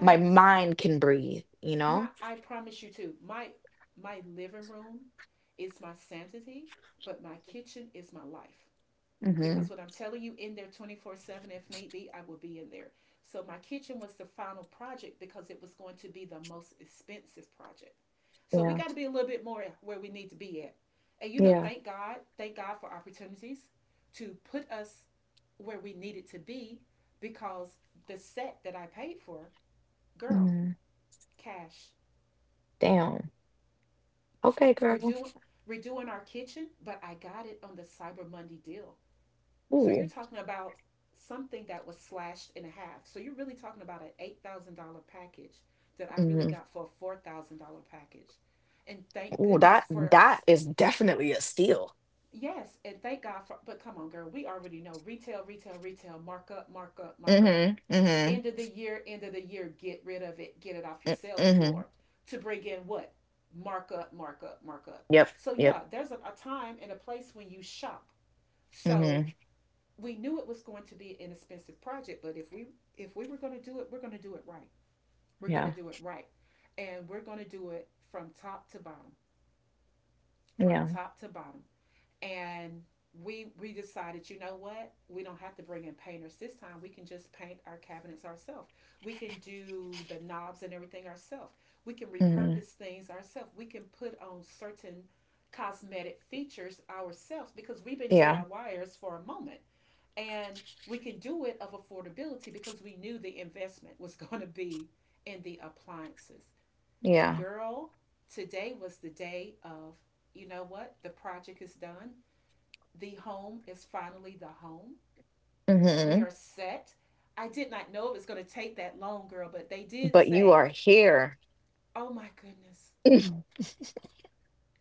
Speaker 1: my mind can breathe, you
Speaker 2: my,
Speaker 1: know?
Speaker 2: I promise you too. My living room is my sanity, but my kitchen is my life.
Speaker 1: Hmm.
Speaker 2: Because what I'm telling you, in there 24/7 if need be, I will be in there. So my kitchen was the final project because it was going to be the most expensive project. So we
Speaker 1: Yeah.
Speaker 2: got to be a little bit more where we need to be at. And you know,
Speaker 1: Yeah.
Speaker 2: thank God for opportunities to put us where we needed to be, because the set that I paid for, girl,
Speaker 1: Hmm.
Speaker 2: cash,
Speaker 1: Damn. Okay, girl.
Speaker 2: redoing redoing our kitchen, but I got it on the Cyber Monday deal. So you're
Speaker 1: Ooh.
Speaker 2: talking about something that was slashed in half. So you're really talking about an $8,000 package that I really
Speaker 1: Hmm.
Speaker 2: got for a $4,000 package, and thank
Speaker 1: Ooh,
Speaker 2: goodness
Speaker 1: that
Speaker 2: for,
Speaker 1: that is definitely a steal.
Speaker 2: yes, and thank God for. But come on, girl, we already know retail, retail, retail, markup, markup, markup.
Speaker 1: Hmm. Hmm.
Speaker 2: End of the year, end of the year, get rid of it, get it off your sales
Speaker 1: Mm-hmm.
Speaker 2: floor to bring in what? Markup, markup, markup.
Speaker 1: Yep.
Speaker 2: So
Speaker 1: Yep.
Speaker 2: yeah, there's a time and a place when you shop.
Speaker 1: Hmm.
Speaker 2: So we knew it was going to be an expensive project, but if we were going to do it, we're going to do it right. We're going
Speaker 1: Yeah.
Speaker 2: to do it right, and we're going to do it from top to bottom, from
Speaker 1: Yeah.
Speaker 2: top to bottom. And we decided, you know what? We don't have to bring in painters this time. We can just paint our cabinets ourselves. We can do the knobs and everything ourselves. We can
Speaker 1: Hmm.
Speaker 2: repurpose things ourselves. We can put on certain cosmetic features ourselves because we've been
Speaker 1: Yeah.
Speaker 2: DIYers for a moment. And we can do it of affordability because we knew the investment was going to be in the appliances. And
Speaker 1: Yeah.
Speaker 2: girl, today was the day of, you know what? The project is done. The home is finally the home.
Speaker 1: Hmm.
Speaker 2: We are set. I did not know it was going to take that long, girl, but they did
Speaker 1: But you
Speaker 2: say,
Speaker 1: are here.
Speaker 2: oh my goodness,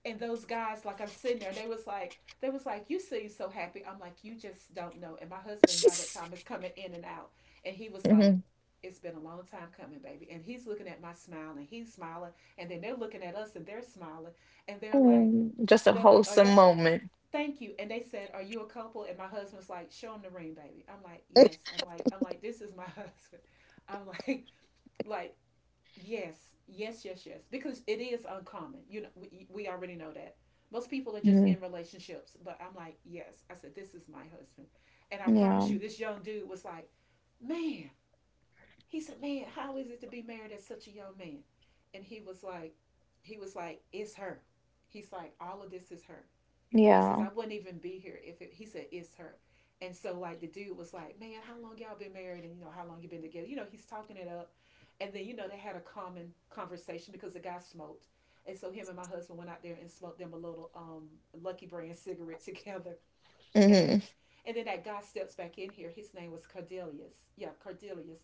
Speaker 2: and those guys like I'm sitting there and they was like you seem so happy. I'm like, you just don't know. And my husband by that time is coming in and out, and he was like,
Speaker 1: Mm-hmm.
Speaker 2: it's been a long time coming, baby. And he's looking at my smile and he's smiling, and then they're looking at us and they're smiling, and they're like
Speaker 1: Mm, just a
Speaker 2: and they're like oh,
Speaker 1: wholesome
Speaker 2: y'all,
Speaker 1: moment.
Speaker 2: thank you. And they said, are you a couple? And my husband's like, show him the ring, baby. I'm like, yes. I'm like, this is my husband. I'm like, like yes, yes, yes, yes. Because it is uncommon. You know, we already know that. Most people are just
Speaker 1: Mhm.
Speaker 2: in relationships, but I'm like, yes. I said, this is my husband. And I
Speaker 1: Yeah,
Speaker 2: promise you, this young dude was like, man, he said, man, how is it to be married as such a young man? And he was like, it's her. He's like, all of this is her. He says,
Speaker 1: yeah.
Speaker 2: I wouldn't even be here if it, he said, it's her. And so, like, the dude was like, man, how long y'all been married? And, you know, how long you been together? You know, he's talking it up. And then, you know, they had a common conversation because the guy smoked. And so him and my husband went out there and smoked them a little Lucky Brand cigarette together. And
Speaker 1: Hmm.
Speaker 2: then that guy steps back in here. His name was Cordelius. Yeah, Cordelius.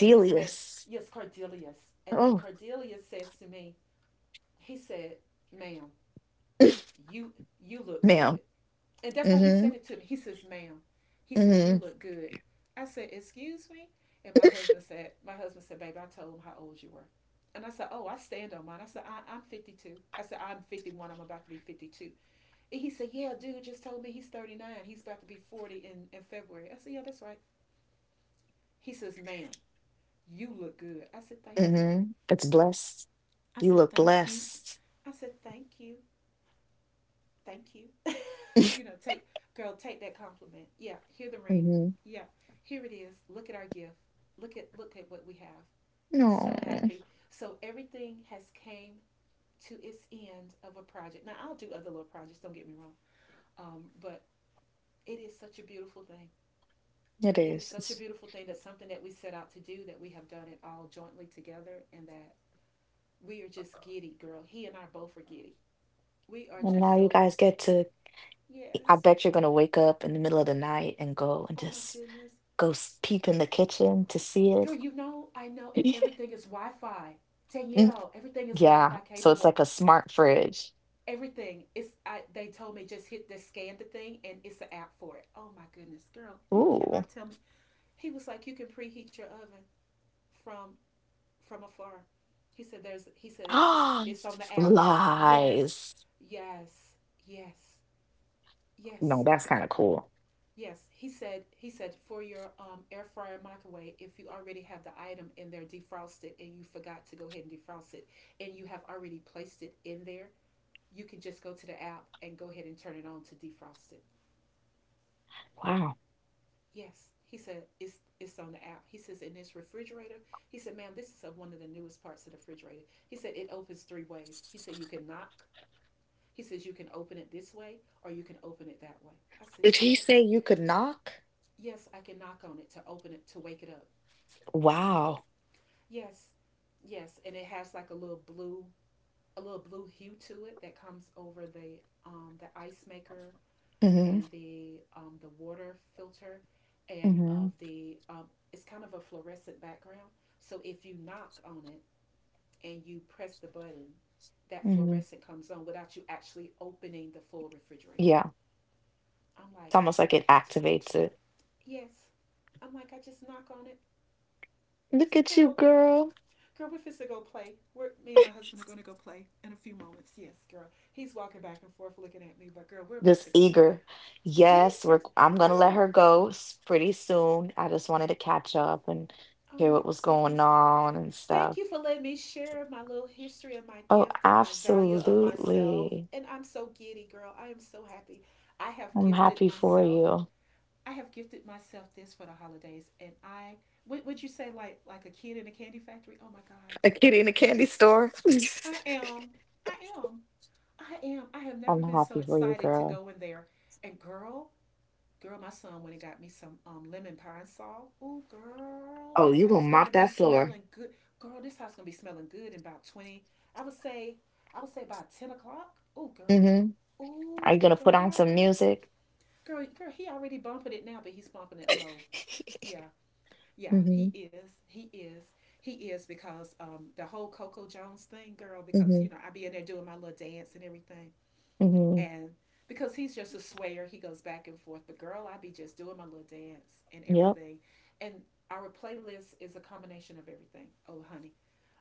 Speaker 2: And this man, yes, Cordelius. And then
Speaker 1: Oh,
Speaker 2: Cordelius says to me, he said, ma'am, you you look
Speaker 1: ma'am.
Speaker 2: good. And that's how he said
Speaker 1: Hmm.
Speaker 2: it to me. He says, ma'am, he says,
Speaker 1: Hmm.
Speaker 2: you look good. I said, excuse me? And my husband said, baby, I told him how old you were. And I said, oh, I stand on mine. I said, I'm 52. I said, I'm 51. I'm about to be 52. And he said, yeah, dude just told me he's 39. He's about to be 40 in, February. I said, yeah, that's right. He says, ma'am, you look good. I said, thank you.
Speaker 1: Hmm. It's blessed.
Speaker 2: I
Speaker 1: You
Speaker 2: said,
Speaker 1: look
Speaker 2: thank you.
Speaker 1: blessed.
Speaker 2: I said, thank you. Thank you. You know, take girl, take that compliment. Yeah, hear the ring.
Speaker 1: Hmm.
Speaker 2: Yeah, here it is. Look at our gift. Look at what we have.
Speaker 1: No,
Speaker 2: So happy. So everything has came to its end of a project. Now I'll do other little projects. Don't get me wrong. But it is such a beautiful thing.
Speaker 1: it
Speaker 2: It is
Speaker 1: is.
Speaker 2: such a
Speaker 1: It's,
Speaker 2: beautiful thing that something that we set out to do, that we have done it all jointly together, and that we are just giddy, girl. He and I both are giddy. We are
Speaker 1: and
Speaker 2: just
Speaker 1: now you
Speaker 2: so
Speaker 1: guys get to. I
Speaker 2: yes.
Speaker 1: bet you're gonna wake up in the middle of the night and go and
Speaker 2: Oh my
Speaker 1: just
Speaker 2: goodness.
Speaker 1: go s- peep in the kitchen to see it.
Speaker 2: Girl, you know, I know, and everything is Wi Fi.
Speaker 1: Mm,
Speaker 2: Danielle, everything is Wi
Speaker 1: yeah.
Speaker 2: Fi
Speaker 1: So it's like
Speaker 2: capable.
Speaker 1: a smart fridge.
Speaker 2: Everything. It's I they told me just hit the scan the thing and it's an app for it. Oh my goodness, girl, you
Speaker 1: Ooh.
Speaker 2: cannot tell me. He was like, you can preheat your oven from from afar. He said there's he said it's
Speaker 1: Oh,
Speaker 2: it's on the app. Yes,
Speaker 1: lies.
Speaker 2: yes, yes, yes.
Speaker 1: No, that's kind of cool.
Speaker 2: Yes, he said for your air fryer microwave, if you already have the item in there defrosted and you forgot to go ahead and defrost it and you have already placed it in there, you can just go to the app and go ahead and turn it on to defrost it.
Speaker 1: Wow.
Speaker 2: Yes, he said it's on the app. He says in this refrigerator, he said, "Ma'am, this is a, one of the newest parts of the refrigerator." He said it opens three ways. He said you can knock. He says you can open it this way or you can open it that way. I said,
Speaker 1: Did he
Speaker 2: "Shut."
Speaker 1: say you could knock?
Speaker 2: Yes, I can knock on it to open it to wake it up.
Speaker 1: Wow.
Speaker 2: Yes, yes, and it has like a little blue hue to it that comes over the ice maker
Speaker 1: Hmm.
Speaker 2: and the water filter, and
Speaker 1: Hmm.
Speaker 2: of the it's kind of a fluorescent background. So if you knock on it and you press the button, that
Speaker 1: Hmm.
Speaker 2: fluorescent comes on without you actually opening the full refrigerator.
Speaker 1: Yeah.
Speaker 2: I'm
Speaker 1: It's
Speaker 2: like,
Speaker 1: almost like it activates it.
Speaker 2: yes. I'm like, I just knock on it,
Speaker 1: Look at you,
Speaker 2: girl.
Speaker 1: girl.
Speaker 2: Girl, we're fixing to go play. Me and my husband are going to go play in a few moments. Yes, girl. He's walking back and forth looking at me, but girl, we're about
Speaker 1: Just
Speaker 2: to go play.
Speaker 1: eager.
Speaker 2: Yes,
Speaker 1: Yes,
Speaker 2: we're.
Speaker 1: we're,
Speaker 2: T-
Speaker 1: I'm gonna let her
Speaker 2: Girl,
Speaker 1: go s- pretty soon. I just wanted to catch up and
Speaker 2: oh
Speaker 1: hear
Speaker 2: my
Speaker 1: what was going
Speaker 2: goodness.
Speaker 1: on and
Speaker 2: Thank
Speaker 1: stuff.
Speaker 2: you for letting me share my little history of my
Speaker 1: Oh,
Speaker 2: gift and my value of myself.
Speaker 1: absolutely.
Speaker 2: And I'm so giddy, girl. I am so happy. I have
Speaker 1: I'm
Speaker 2: gifted
Speaker 1: happy for
Speaker 2: myself.
Speaker 1: you.
Speaker 2: I have gifted myself this for the holidays. And would you say like a kid in a candy factory? Oh my God.
Speaker 1: A kitty in a candy store?
Speaker 2: I am. I am. I am. I have never
Speaker 1: I'm
Speaker 2: been
Speaker 1: happy
Speaker 2: so
Speaker 1: for you,
Speaker 2: excited to
Speaker 1: girl.
Speaker 2: go in there. And girl, my son went and got me some lemon pine salt. Ooh, girl,
Speaker 1: Oh,
Speaker 2: this
Speaker 1: you
Speaker 2: house
Speaker 1: gonna
Speaker 2: gonna
Speaker 1: mop
Speaker 2: be
Speaker 1: that floor.
Speaker 2: smelling good. Girl, this house gonna be smelling good in about twenty. I would say, I would say about 10 o'clock. Ooh, girl.
Speaker 1: Hmm. Are you
Speaker 2: Ooh,
Speaker 1: gonna put on some
Speaker 2: girl.
Speaker 1: music?
Speaker 2: He already bumping it now, but he's bumping it low. Yeah, yeah, he
Speaker 1: Hmm.
Speaker 2: is. He is. He is because the whole Coco Jones thing, girl. Because
Speaker 1: Hmm.
Speaker 2: you know, I be in there doing my little dance and everything,
Speaker 1: Hmm.
Speaker 2: and because he's just a swayer, he goes back and forth. But girl, I be just doing my little dance and
Speaker 1: Yep.
Speaker 2: everything. And our playlist is a combination of everything.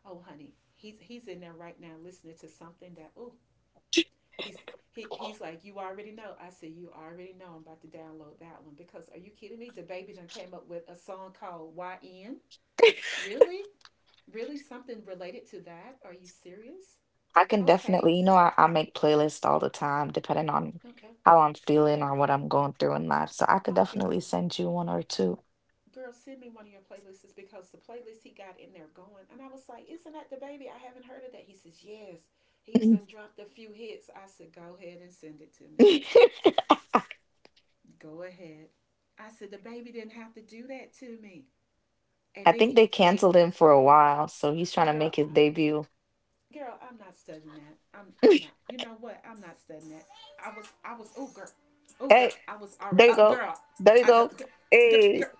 Speaker 2: Oh honey, he's in there right now listening to something that oh he's he's like you already know. I said, you already know. I'm about to download that one because are you kidding me? The baby then came up with a song called YN. Really, really something related to that? Are you serious?
Speaker 1: I can
Speaker 2: Okay,
Speaker 1: definitely, you know, I make playlists all the time, depending on
Speaker 2: okay,
Speaker 1: how I'm feeling
Speaker 2: okay.
Speaker 1: or what I'm going through in life. So I could
Speaker 2: Oh girl.
Speaker 1: definitely send you one or two.
Speaker 2: Girl, send me one of your playlists is because the playlist he got in there going. And I was like, isn't that the baby? I haven't heard of that. He says, yes. He's done dropped a few hits. I said, go ahead and send it to me. Go ahead. I said, the baby didn't have to do that to me. And
Speaker 1: I
Speaker 2: then
Speaker 1: think
Speaker 2: he
Speaker 1: they
Speaker 2: played,
Speaker 1: canceled him for a while, so he's trying
Speaker 2: oh,
Speaker 1: to
Speaker 2: girl,
Speaker 1: make his debut.
Speaker 2: girl, I'm not studying that. I'm not. You know what? I'm not studying that. Oh, girl. Oh, girl.
Speaker 1: Hey,
Speaker 2: I was already,
Speaker 1: there you go.
Speaker 2: girl.
Speaker 1: There you go.
Speaker 2: Girl. Girl,
Speaker 1: Hey,
Speaker 2: girl,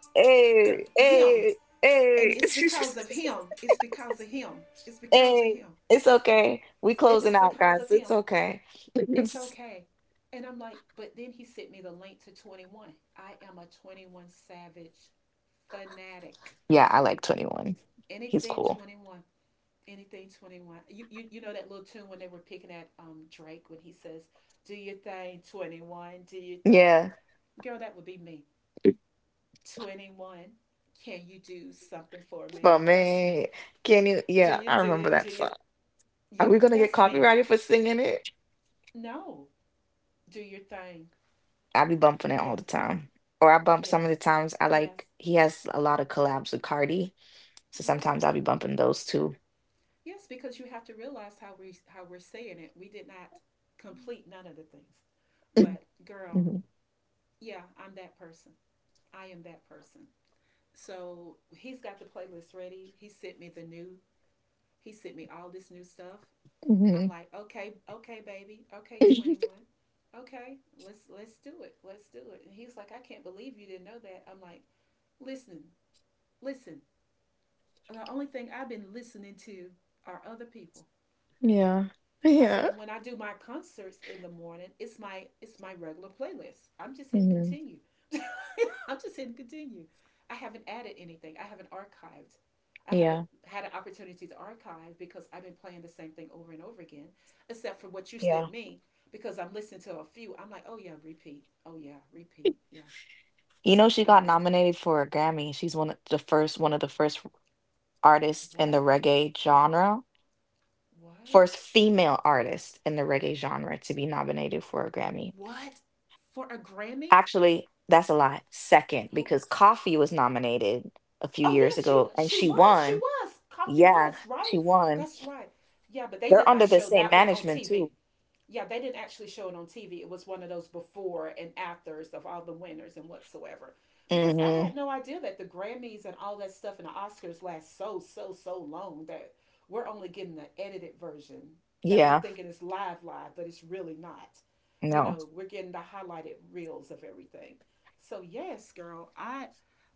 Speaker 2: girl,
Speaker 1: hey,
Speaker 2: him,
Speaker 1: hey,
Speaker 2: and
Speaker 1: hey.
Speaker 2: it's because of him. It's because of him. It's because of
Speaker 1: Hey,
Speaker 2: him.
Speaker 1: it's okay. We
Speaker 2: It's
Speaker 1: closing out,
Speaker 2: because of
Speaker 1: guys.
Speaker 2: him.
Speaker 1: It's okay.
Speaker 2: It's okay. And I'm like, but then he sent me the link to 21. I am a 21 savage fanatic.
Speaker 1: Yeah, I like 21. He's
Speaker 2: Anything
Speaker 1: cool.
Speaker 2: 21, anything 21. You know that little tune when they were picking at Drake when he says, "Do your thing 21, do your thing."
Speaker 1: Yeah,
Speaker 2: Girl, that would be me. 21. Can you do something for me?
Speaker 1: but
Speaker 2: That's me.
Speaker 1: man, can you?
Speaker 2: Do
Speaker 1: Yeah,
Speaker 2: you
Speaker 1: I
Speaker 2: do
Speaker 1: remember
Speaker 2: you do
Speaker 1: that
Speaker 2: you?
Speaker 1: song. Are
Speaker 2: Yeah,
Speaker 1: we gonna get
Speaker 2: that's me.
Speaker 1: copyrighted for singing it?
Speaker 2: No. Do your thing.
Speaker 1: I be bumping it all the
Speaker 2: Yes.
Speaker 1: time. Or I bump some of the
Speaker 2: Yes.
Speaker 1: times. I
Speaker 2: Yes.
Speaker 1: like he has a lot of collabs with Cardi. So
Speaker 2: Yes.
Speaker 1: sometimes I'll be bumping those too.
Speaker 2: Yes, because you have to realize how we how we're saying it. We did not complete none of the things. But girl,
Speaker 1: Hmm
Speaker 2: yeah, I'm that person. I am that person. So he's got the playlist ready. He sent me the new. He sent me all this new stuff. I'm
Speaker 1: hmm
Speaker 2: like, okay, okay, baby, okay, 21, okay, let's do it. And he's like, I can't believe you didn't know that. I'm like, listen, listen. The only thing I've been listening to are other people.
Speaker 1: Yeah.
Speaker 2: I said,
Speaker 1: Yeah.
Speaker 2: and when I do my concerts in the morning, it's my regular playlist. I'm just hitting
Speaker 1: hmm
Speaker 2: continue. I'm just hitting continue. I haven't added anything. I haven't archived. I haven't
Speaker 1: Yeah.
Speaker 2: had an opportunity to archive because I've been playing the same thing over and over again, except for what you sent
Speaker 1: Yeah.
Speaker 2: me. Because I'm listening to a few, I'm like, oh yeah, repeat. Oh yeah, repeat. Yeah,
Speaker 1: You know she got
Speaker 2: yeah.
Speaker 1: nominated for a Grammy. She's one of the first artist in the
Speaker 2: What?
Speaker 1: reggae genre, first
Speaker 2: What?
Speaker 1: female artist in the reggae genre to be nominated for a Grammy.
Speaker 2: What? For a Grammy?
Speaker 1: Actually, that's a lie. Second,
Speaker 2: Who?
Speaker 1: because Coffee was nominated a few
Speaker 2: Oh
Speaker 1: years
Speaker 2: yes, she
Speaker 1: ago and
Speaker 2: she
Speaker 1: she
Speaker 2: was. She
Speaker 1: won.
Speaker 2: was. Coffee
Speaker 1: Yeah,
Speaker 2: was,
Speaker 1: she
Speaker 2: right?
Speaker 1: won.
Speaker 2: That's right. Yeah, but they
Speaker 1: They're
Speaker 2: did not
Speaker 1: under the
Speaker 2: show
Speaker 1: same
Speaker 2: that one on
Speaker 1: management too.
Speaker 2: TV. Yeah, they didn't actually show it on TV. It was one of those before and afters of all the winners and whatsoever. Because I
Speaker 1: Mm-hmm.
Speaker 2: had no idea that the Grammys and all that stuff and the Oscars last so, so, so long that we're only getting the edited version that we're
Speaker 1: Yeah,
Speaker 2: thinking is live, live, but it's really not. You
Speaker 1: no.
Speaker 2: know, we're getting the highlighted reels of everything. So yes, girl, I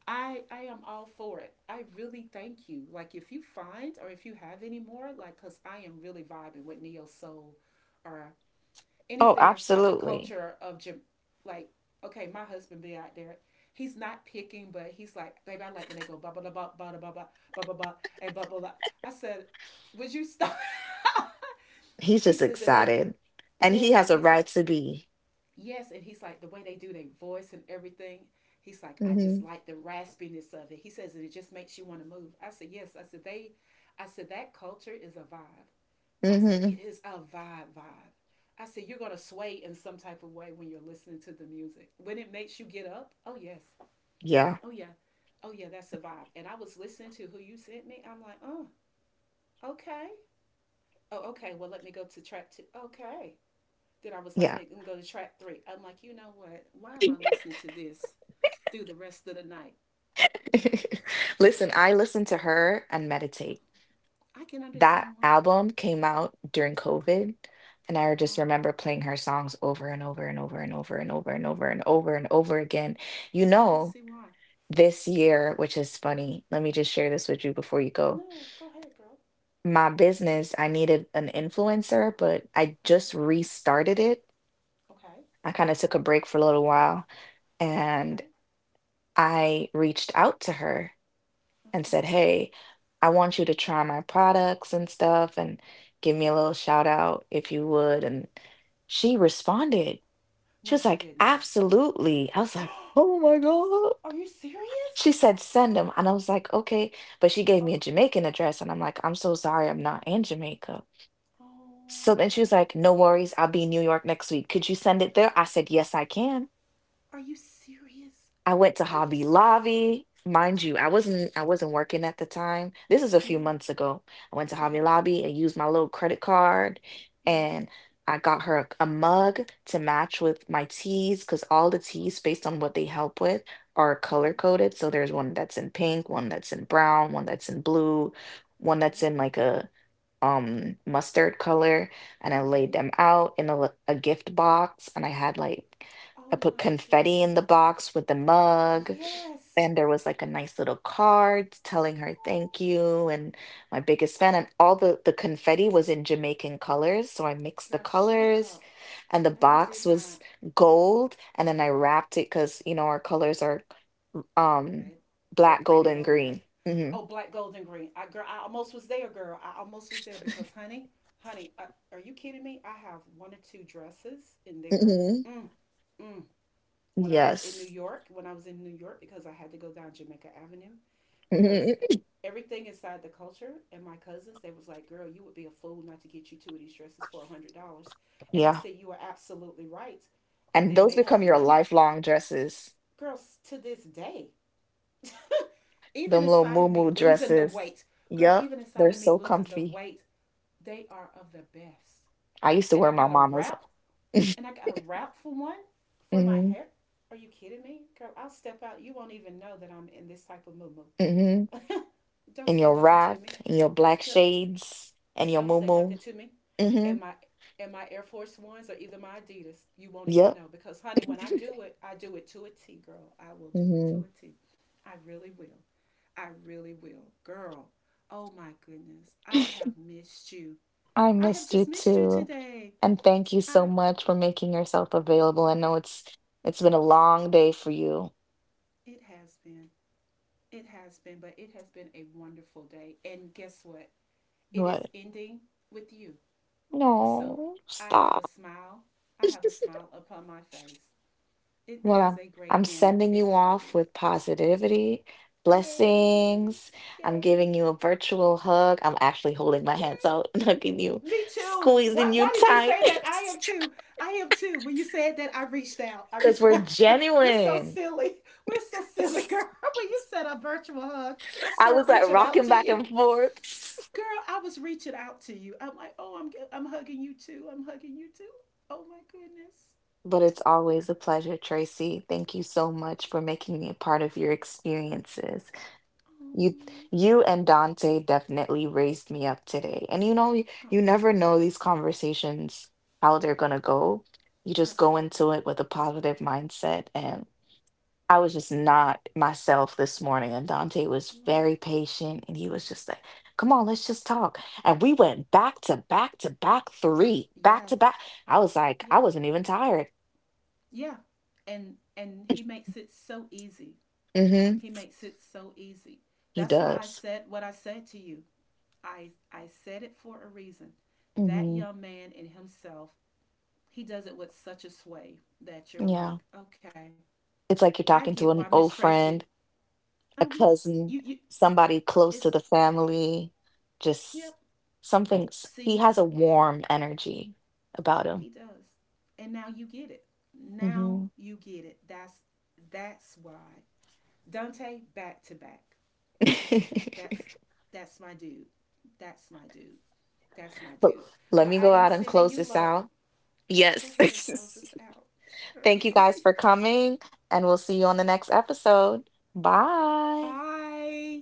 Speaker 2: I I am all for it. I really thank you. Like if you find or if you have any more, like cause I am really vibing with Neo Soul or
Speaker 1: Oh,
Speaker 2: anything inside the
Speaker 1: absolutely.
Speaker 2: culture of Jam-, like, okay, my husband be out there. He's not picking, but he's like, baby, I like when they go blah blah blah blah blah blah blah blah blah blah and blah blah blah. I said, would you stop?
Speaker 1: He's
Speaker 2: He
Speaker 1: just
Speaker 2: says, and they
Speaker 1: excited. And he
Speaker 2: yes,
Speaker 1: has
Speaker 2: and
Speaker 1: a
Speaker 2: he's
Speaker 1: right
Speaker 2: like
Speaker 1: to be.
Speaker 2: yes, and he's like the way they do their voice and everything. He's like, I just
Speaker 1: Hmm
Speaker 2: like the raspiness of it. He says, and it just makes you want to move. I said, yes. I said that culture is a vibe. I said, it
Speaker 1: hmm
Speaker 2: is a vibe vibe. I said, you're going to sway in some type of way when you're listening to the music. When it makes you get up, oh, yes.
Speaker 1: Yeah,
Speaker 2: Oh, yeah. Oh, yeah, that's a vibe. And I was listening to who you sent me. I'm like, oh, okay. Oh, okay. Well, let me go to track two. Okay. Then I was like,
Speaker 1: yeah.
Speaker 2: make them go to track three. I'm like, you know what? Why am I listening to this through the rest of the night?
Speaker 1: Listen, I listen to her and meditate.
Speaker 2: I can
Speaker 1: That
Speaker 2: understand why.
Speaker 1: album came out during COVID, and I just remember
Speaker 2: Wow.
Speaker 1: playing her songs over and over and over and over and over and over and over and over again. You
Speaker 2: I can
Speaker 1: know,
Speaker 2: see why.
Speaker 1: this year, which is funny, let me just share this with you before you go.
Speaker 2: No, go ahead, girl.
Speaker 1: My business, I needed an influencer, but I
Speaker 2: Okay.
Speaker 1: just restarted it.
Speaker 2: Okay.
Speaker 1: I kind of took a break for a little while and
Speaker 2: Okay.
Speaker 1: I reached out to her
Speaker 2: Uh
Speaker 1: and said,
Speaker 2: oh.
Speaker 1: "Hey, I want you to try my products and stuff and give me a little shout out if you would." And she responded. She
Speaker 2: No,
Speaker 1: was
Speaker 2: she
Speaker 1: like,
Speaker 2: did not.
Speaker 1: "Absolutely." I was like, "Oh my God."
Speaker 2: Are you serious?
Speaker 1: She said, "Send them." And I was like, "Okay." But she gave me a
Speaker 2: Okay.
Speaker 1: Jamaican address. And I'm like, "I'm so sorry. I'm not in Jamaica." So then she was
Speaker 2: Oh.
Speaker 1: like, "No worries. I'll be in New York next week. Could you send it there?" I said, "Yes, I can."
Speaker 2: Are you serious?
Speaker 1: I went to
Speaker 2: Are you?
Speaker 1: Hobby
Speaker 2: S-
Speaker 1: Lobby. Mind you, I wasn't working at the time. This is a few
Speaker 2: yeah.
Speaker 1: months ago. I went to Hobby
Speaker 2: Okay.
Speaker 1: Lobby and used my little credit card
Speaker 2: Yes.
Speaker 1: and I got her a mug to match with my teas, because all the
Speaker 2: Uh huh.
Speaker 1: teas based on what they help with are color
Speaker 2: Okay.
Speaker 1: coded. So there's one that's in pink, one that's in brown, one that's in blue, one that's
Speaker 2: Okay.
Speaker 1: in like a mustard color, and I laid
Speaker 2: Okay.
Speaker 1: them out in a, a gift box, and I had like I
Speaker 2: Oh
Speaker 1: put
Speaker 2: my
Speaker 1: confetti in the
Speaker 2: goodness.
Speaker 1: box with the mug
Speaker 2: Yes.
Speaker 1: and there was like a nice little card telling her
Speaker 2: Oh.
Speaker 1: thank you and my biggest
Speaker 2: Oh.
Speaker 1: fan, and all the confetti was in Jamaican colors, so I mixed the
Speaker 2: Girl, shut
Speaker 1: colors
Speaker 2: up.
Speaker 1: and the
Speaker 2: No, you did
Speaker 1: box
Speaker 2: not.
Speaker 1: was gold and then I wrapped it, because you know our colors are um
Speaker 2: Red,
Speaker 1: black,
Speaker 2: red, green,
Speaker 1: gold,
Speaker 2: and
Speaker 1: and
Speaker 2: gold, right?
Speaker 1: green. Hmm
Speaker 2: Oh, black, gold, and green. I Girl, I almost was there, girl. I almost was there because, honey, honey, are you kidding me? I have one or two dresses in there.
Speaker 1: hmm
Speaker 2: Mm, mm, when I was in New
Speaker 1: Yes.
Speaker 2: York, when I was in New York, because I had to go down Jamaica Avenue,
Speaker 1: hmm
Speaker 2: because everything inside the culture and my cousins, they was like, girl, you would be a fool not to get you two of these dresses for $100. And I
Speaker 1: Yeah.
Speaker 2: said, you are absolutely right. And
Speaker 1: And
Speaker 2: then
Speaker 1: those
Speaker 2: they
Speaker 1: become
Speaker 2: had
Speaker 1: your
Speaker 2: one
Speaker 1: lifelong dresses.
Speaker 2: girls to this day, even
Speaker 1: Them little
Speaker 2: inside of me
Speaker 1: moo
Speaker 2: losing the
Speaker 1: dresses.
Speaker 2: weight,
Speaker 1: Yup,
Speaker 2: even inside
Speaker 1: they're
Speaker 2: of me
Speaker 1: so
Speaker 2: losing the
Speaker 1: comfy.
Speaker 2: weight, they are of the best.
Speaker 1: I used to
Speaker 2: And
Speaker 1: wear
Speaker 2: I
Speaker 1: my
Speaker 2: got a
Speaker 1: mama's.
Speaker 2: wrap and I got a wrap for my
Speaker 1: hmm
Speaker 2: hair. Are you kidding me? Girl, I'll step out. You won't even know that I'm in this type of mood.
Speaker 1: hmm
Speaker 2: Don't
Speaker 1: And
Speaker 2: say
Speaker 1: your
Speaker 2: nothing to
Speaker 1: wrap,
Speaker 2: me.
Speaker 1: and your black
Speaker 2: Girl,
Speaker 1: shades, and your
Speaker 2: don't say
Speaker 1: moo.
Speaker 2: nothing to me.
Speaker 1: Hmm
Speaker 2: And my and my Air Force Ones or either my Adidas, you won't even
Speaker 1: Yup.
Speaker 2: know because honey, when I do it to a T, girl. I will do it to
Speaker 1: hmm
Speaker 2: a T. I really will. I really will. Girl, oh my goodness. I have missed you.
Speaker 1: I
Speaker 2: I have
Speaker 1: missed you
Speaker 2: just missed you
Speaker 1: too.
Speaker 2: today.
Speaker 1: And thank you so
Speaker 2: I
Speaker 1: much for making yourself available. I know it's been a long day for you.
Speaker 2: It has been. It has been, but it has been a wonderful day. And guess what? It is
Speaker 1: What?
Speaker 2: ending with you. So
Speaker 1: No,
Speaker 2: I have
Speaker 1: stop.
Speaker 2: a smile. I have a smile upon my face. It is
Speaker 1: Well,
Speaker 2: a great
Speaker 1: I'm
Speaker 2: end.
Speaker 1: sending
Speaker 2: It
Speaker 1: you
Speaker 2: really
Speaker 1: off
Speaker 2: is.
Speaker 1: with positivity,
Speaker 2: Yay.
Speaker 1: blessings. I'm
Speaker 2: Yay.
Speaker 1: giving you a virtual hug. I'm actually holding my hands out and
Speaker 2: Yay.
Speaker 1: hugging you,
Speaker 2: Me too. Why,
Speaker 1: squeezing you
Speaker 2: why did you
Speaker 1: tight
Speaker 2: say that? I am too. I am too. When you said that, I reached out. I
Speaker 1: because
Speaker 2: reached
Speaker 1: we're
Speaker 2: out. We're so
Speaker 1: genuine.
Speaker 2: silly. We're so silly, girl. When you said a virtual hug, I
Speaker 1: I
Speaker 2: start
Speaker 1: was like
Speaker 2: reaching out
Speaker 1: rocking
Speaker 2: to
Speaker 1: back
Speaker 2: you.
Speaker 1: and forth.
Speaker 2: Girl, I was reaching out to you. I'm like, oh, I'm hugging you too. I'm hugging you too. Oh my goodness.
Speaker 1: But it's always a pleasure, Tracy. Thank you so much for making me a part of your experiences. You
Speaker 2: Oh,
Speaker 1: you and Dante definitely raised me up today. And you know, you,
Speaker 2: oh
Speaker 1: you never know these conversations how they're gonna
Speaker 2: yeah,
Speaker 1: go. You just go
Speaker 2: absolutely.
Speaker 1: into it with a positive mindset, and I was just
Speaker 2: Yeah.
Speaker 1: not myself this morning and Dante was
Speaker 2: What?
Speaker 1: very patient and he was just like, "Come on, let's just talk." And we went back to back to back three,
Speaker 2: Yes,
Speaker 1: back to back. I was like, I
Speaker 2: yes,
Speaker 1: wasn't even tired.
Speaker 2: yeah. And he makes it so easy.
Speaker 1: Mhm.
Speaker 2: He makes it so easy.
Speaker 1: He
Speaker 2: That's why I
Speaker 1: does.
Speaker 2: said what I said to you. I said it for a reason. That
Speaker 1: Mhm.
Speaker 2: young man in himself, he does it with such a sway that you're like,
Speaker 1: Yeah.
Speaker 2: okay,
Speaker 1: It's like you're
Speaker 2: I get
Speaker 1: talking
Speaker 2: why
Speaker 1: to an
Speaker 2: Miss
Speaker 1: old
Speaker 2: Tracy.
Speaker 1: friend,
Speaker 2: Mm-hmm.
Speaker 1: a
Speaker 2: You
Speaker 1: cousin,
Speaker 2: you
Speaker 1: somebody
Speaker 2: It's,
Speaker 1: close to the family,
Speaker 2: yep,
Speaker 1: just something.
Speaker 2: see
Speaker 1: He
Speaker 2: now,
Speaker 1: has a warm energy about
Speaker 2: he
Speaker 1: him.
Speaker 2: does. And now you get it. Now
Speaker 1: Hmm
Speaker 2: you get it. That's why. Dante back to back. That's that's my dude. That's my dude. That's my
Speaker 1: But
Speaker 2: dude.
Speaker 1: let
Speaker 2: Well,
Speaker 1: me
Speaker 2: I
Speaker 1: go
Speaker 2: am
Speaker 1: out and
Speaker 2: sending
Speaker 1: close
Speaker 2: you
Speaker 1: this
Speaker 2: love.
Speaker 1: out.
Speaker 2: Go
Speaker 1: Yes.
Speaker 2: ahead and close this out, girl.
Speaker 1: Thank you guys for coming, and we'll see you on the next episode. Bye.
Speaker 2: Bye.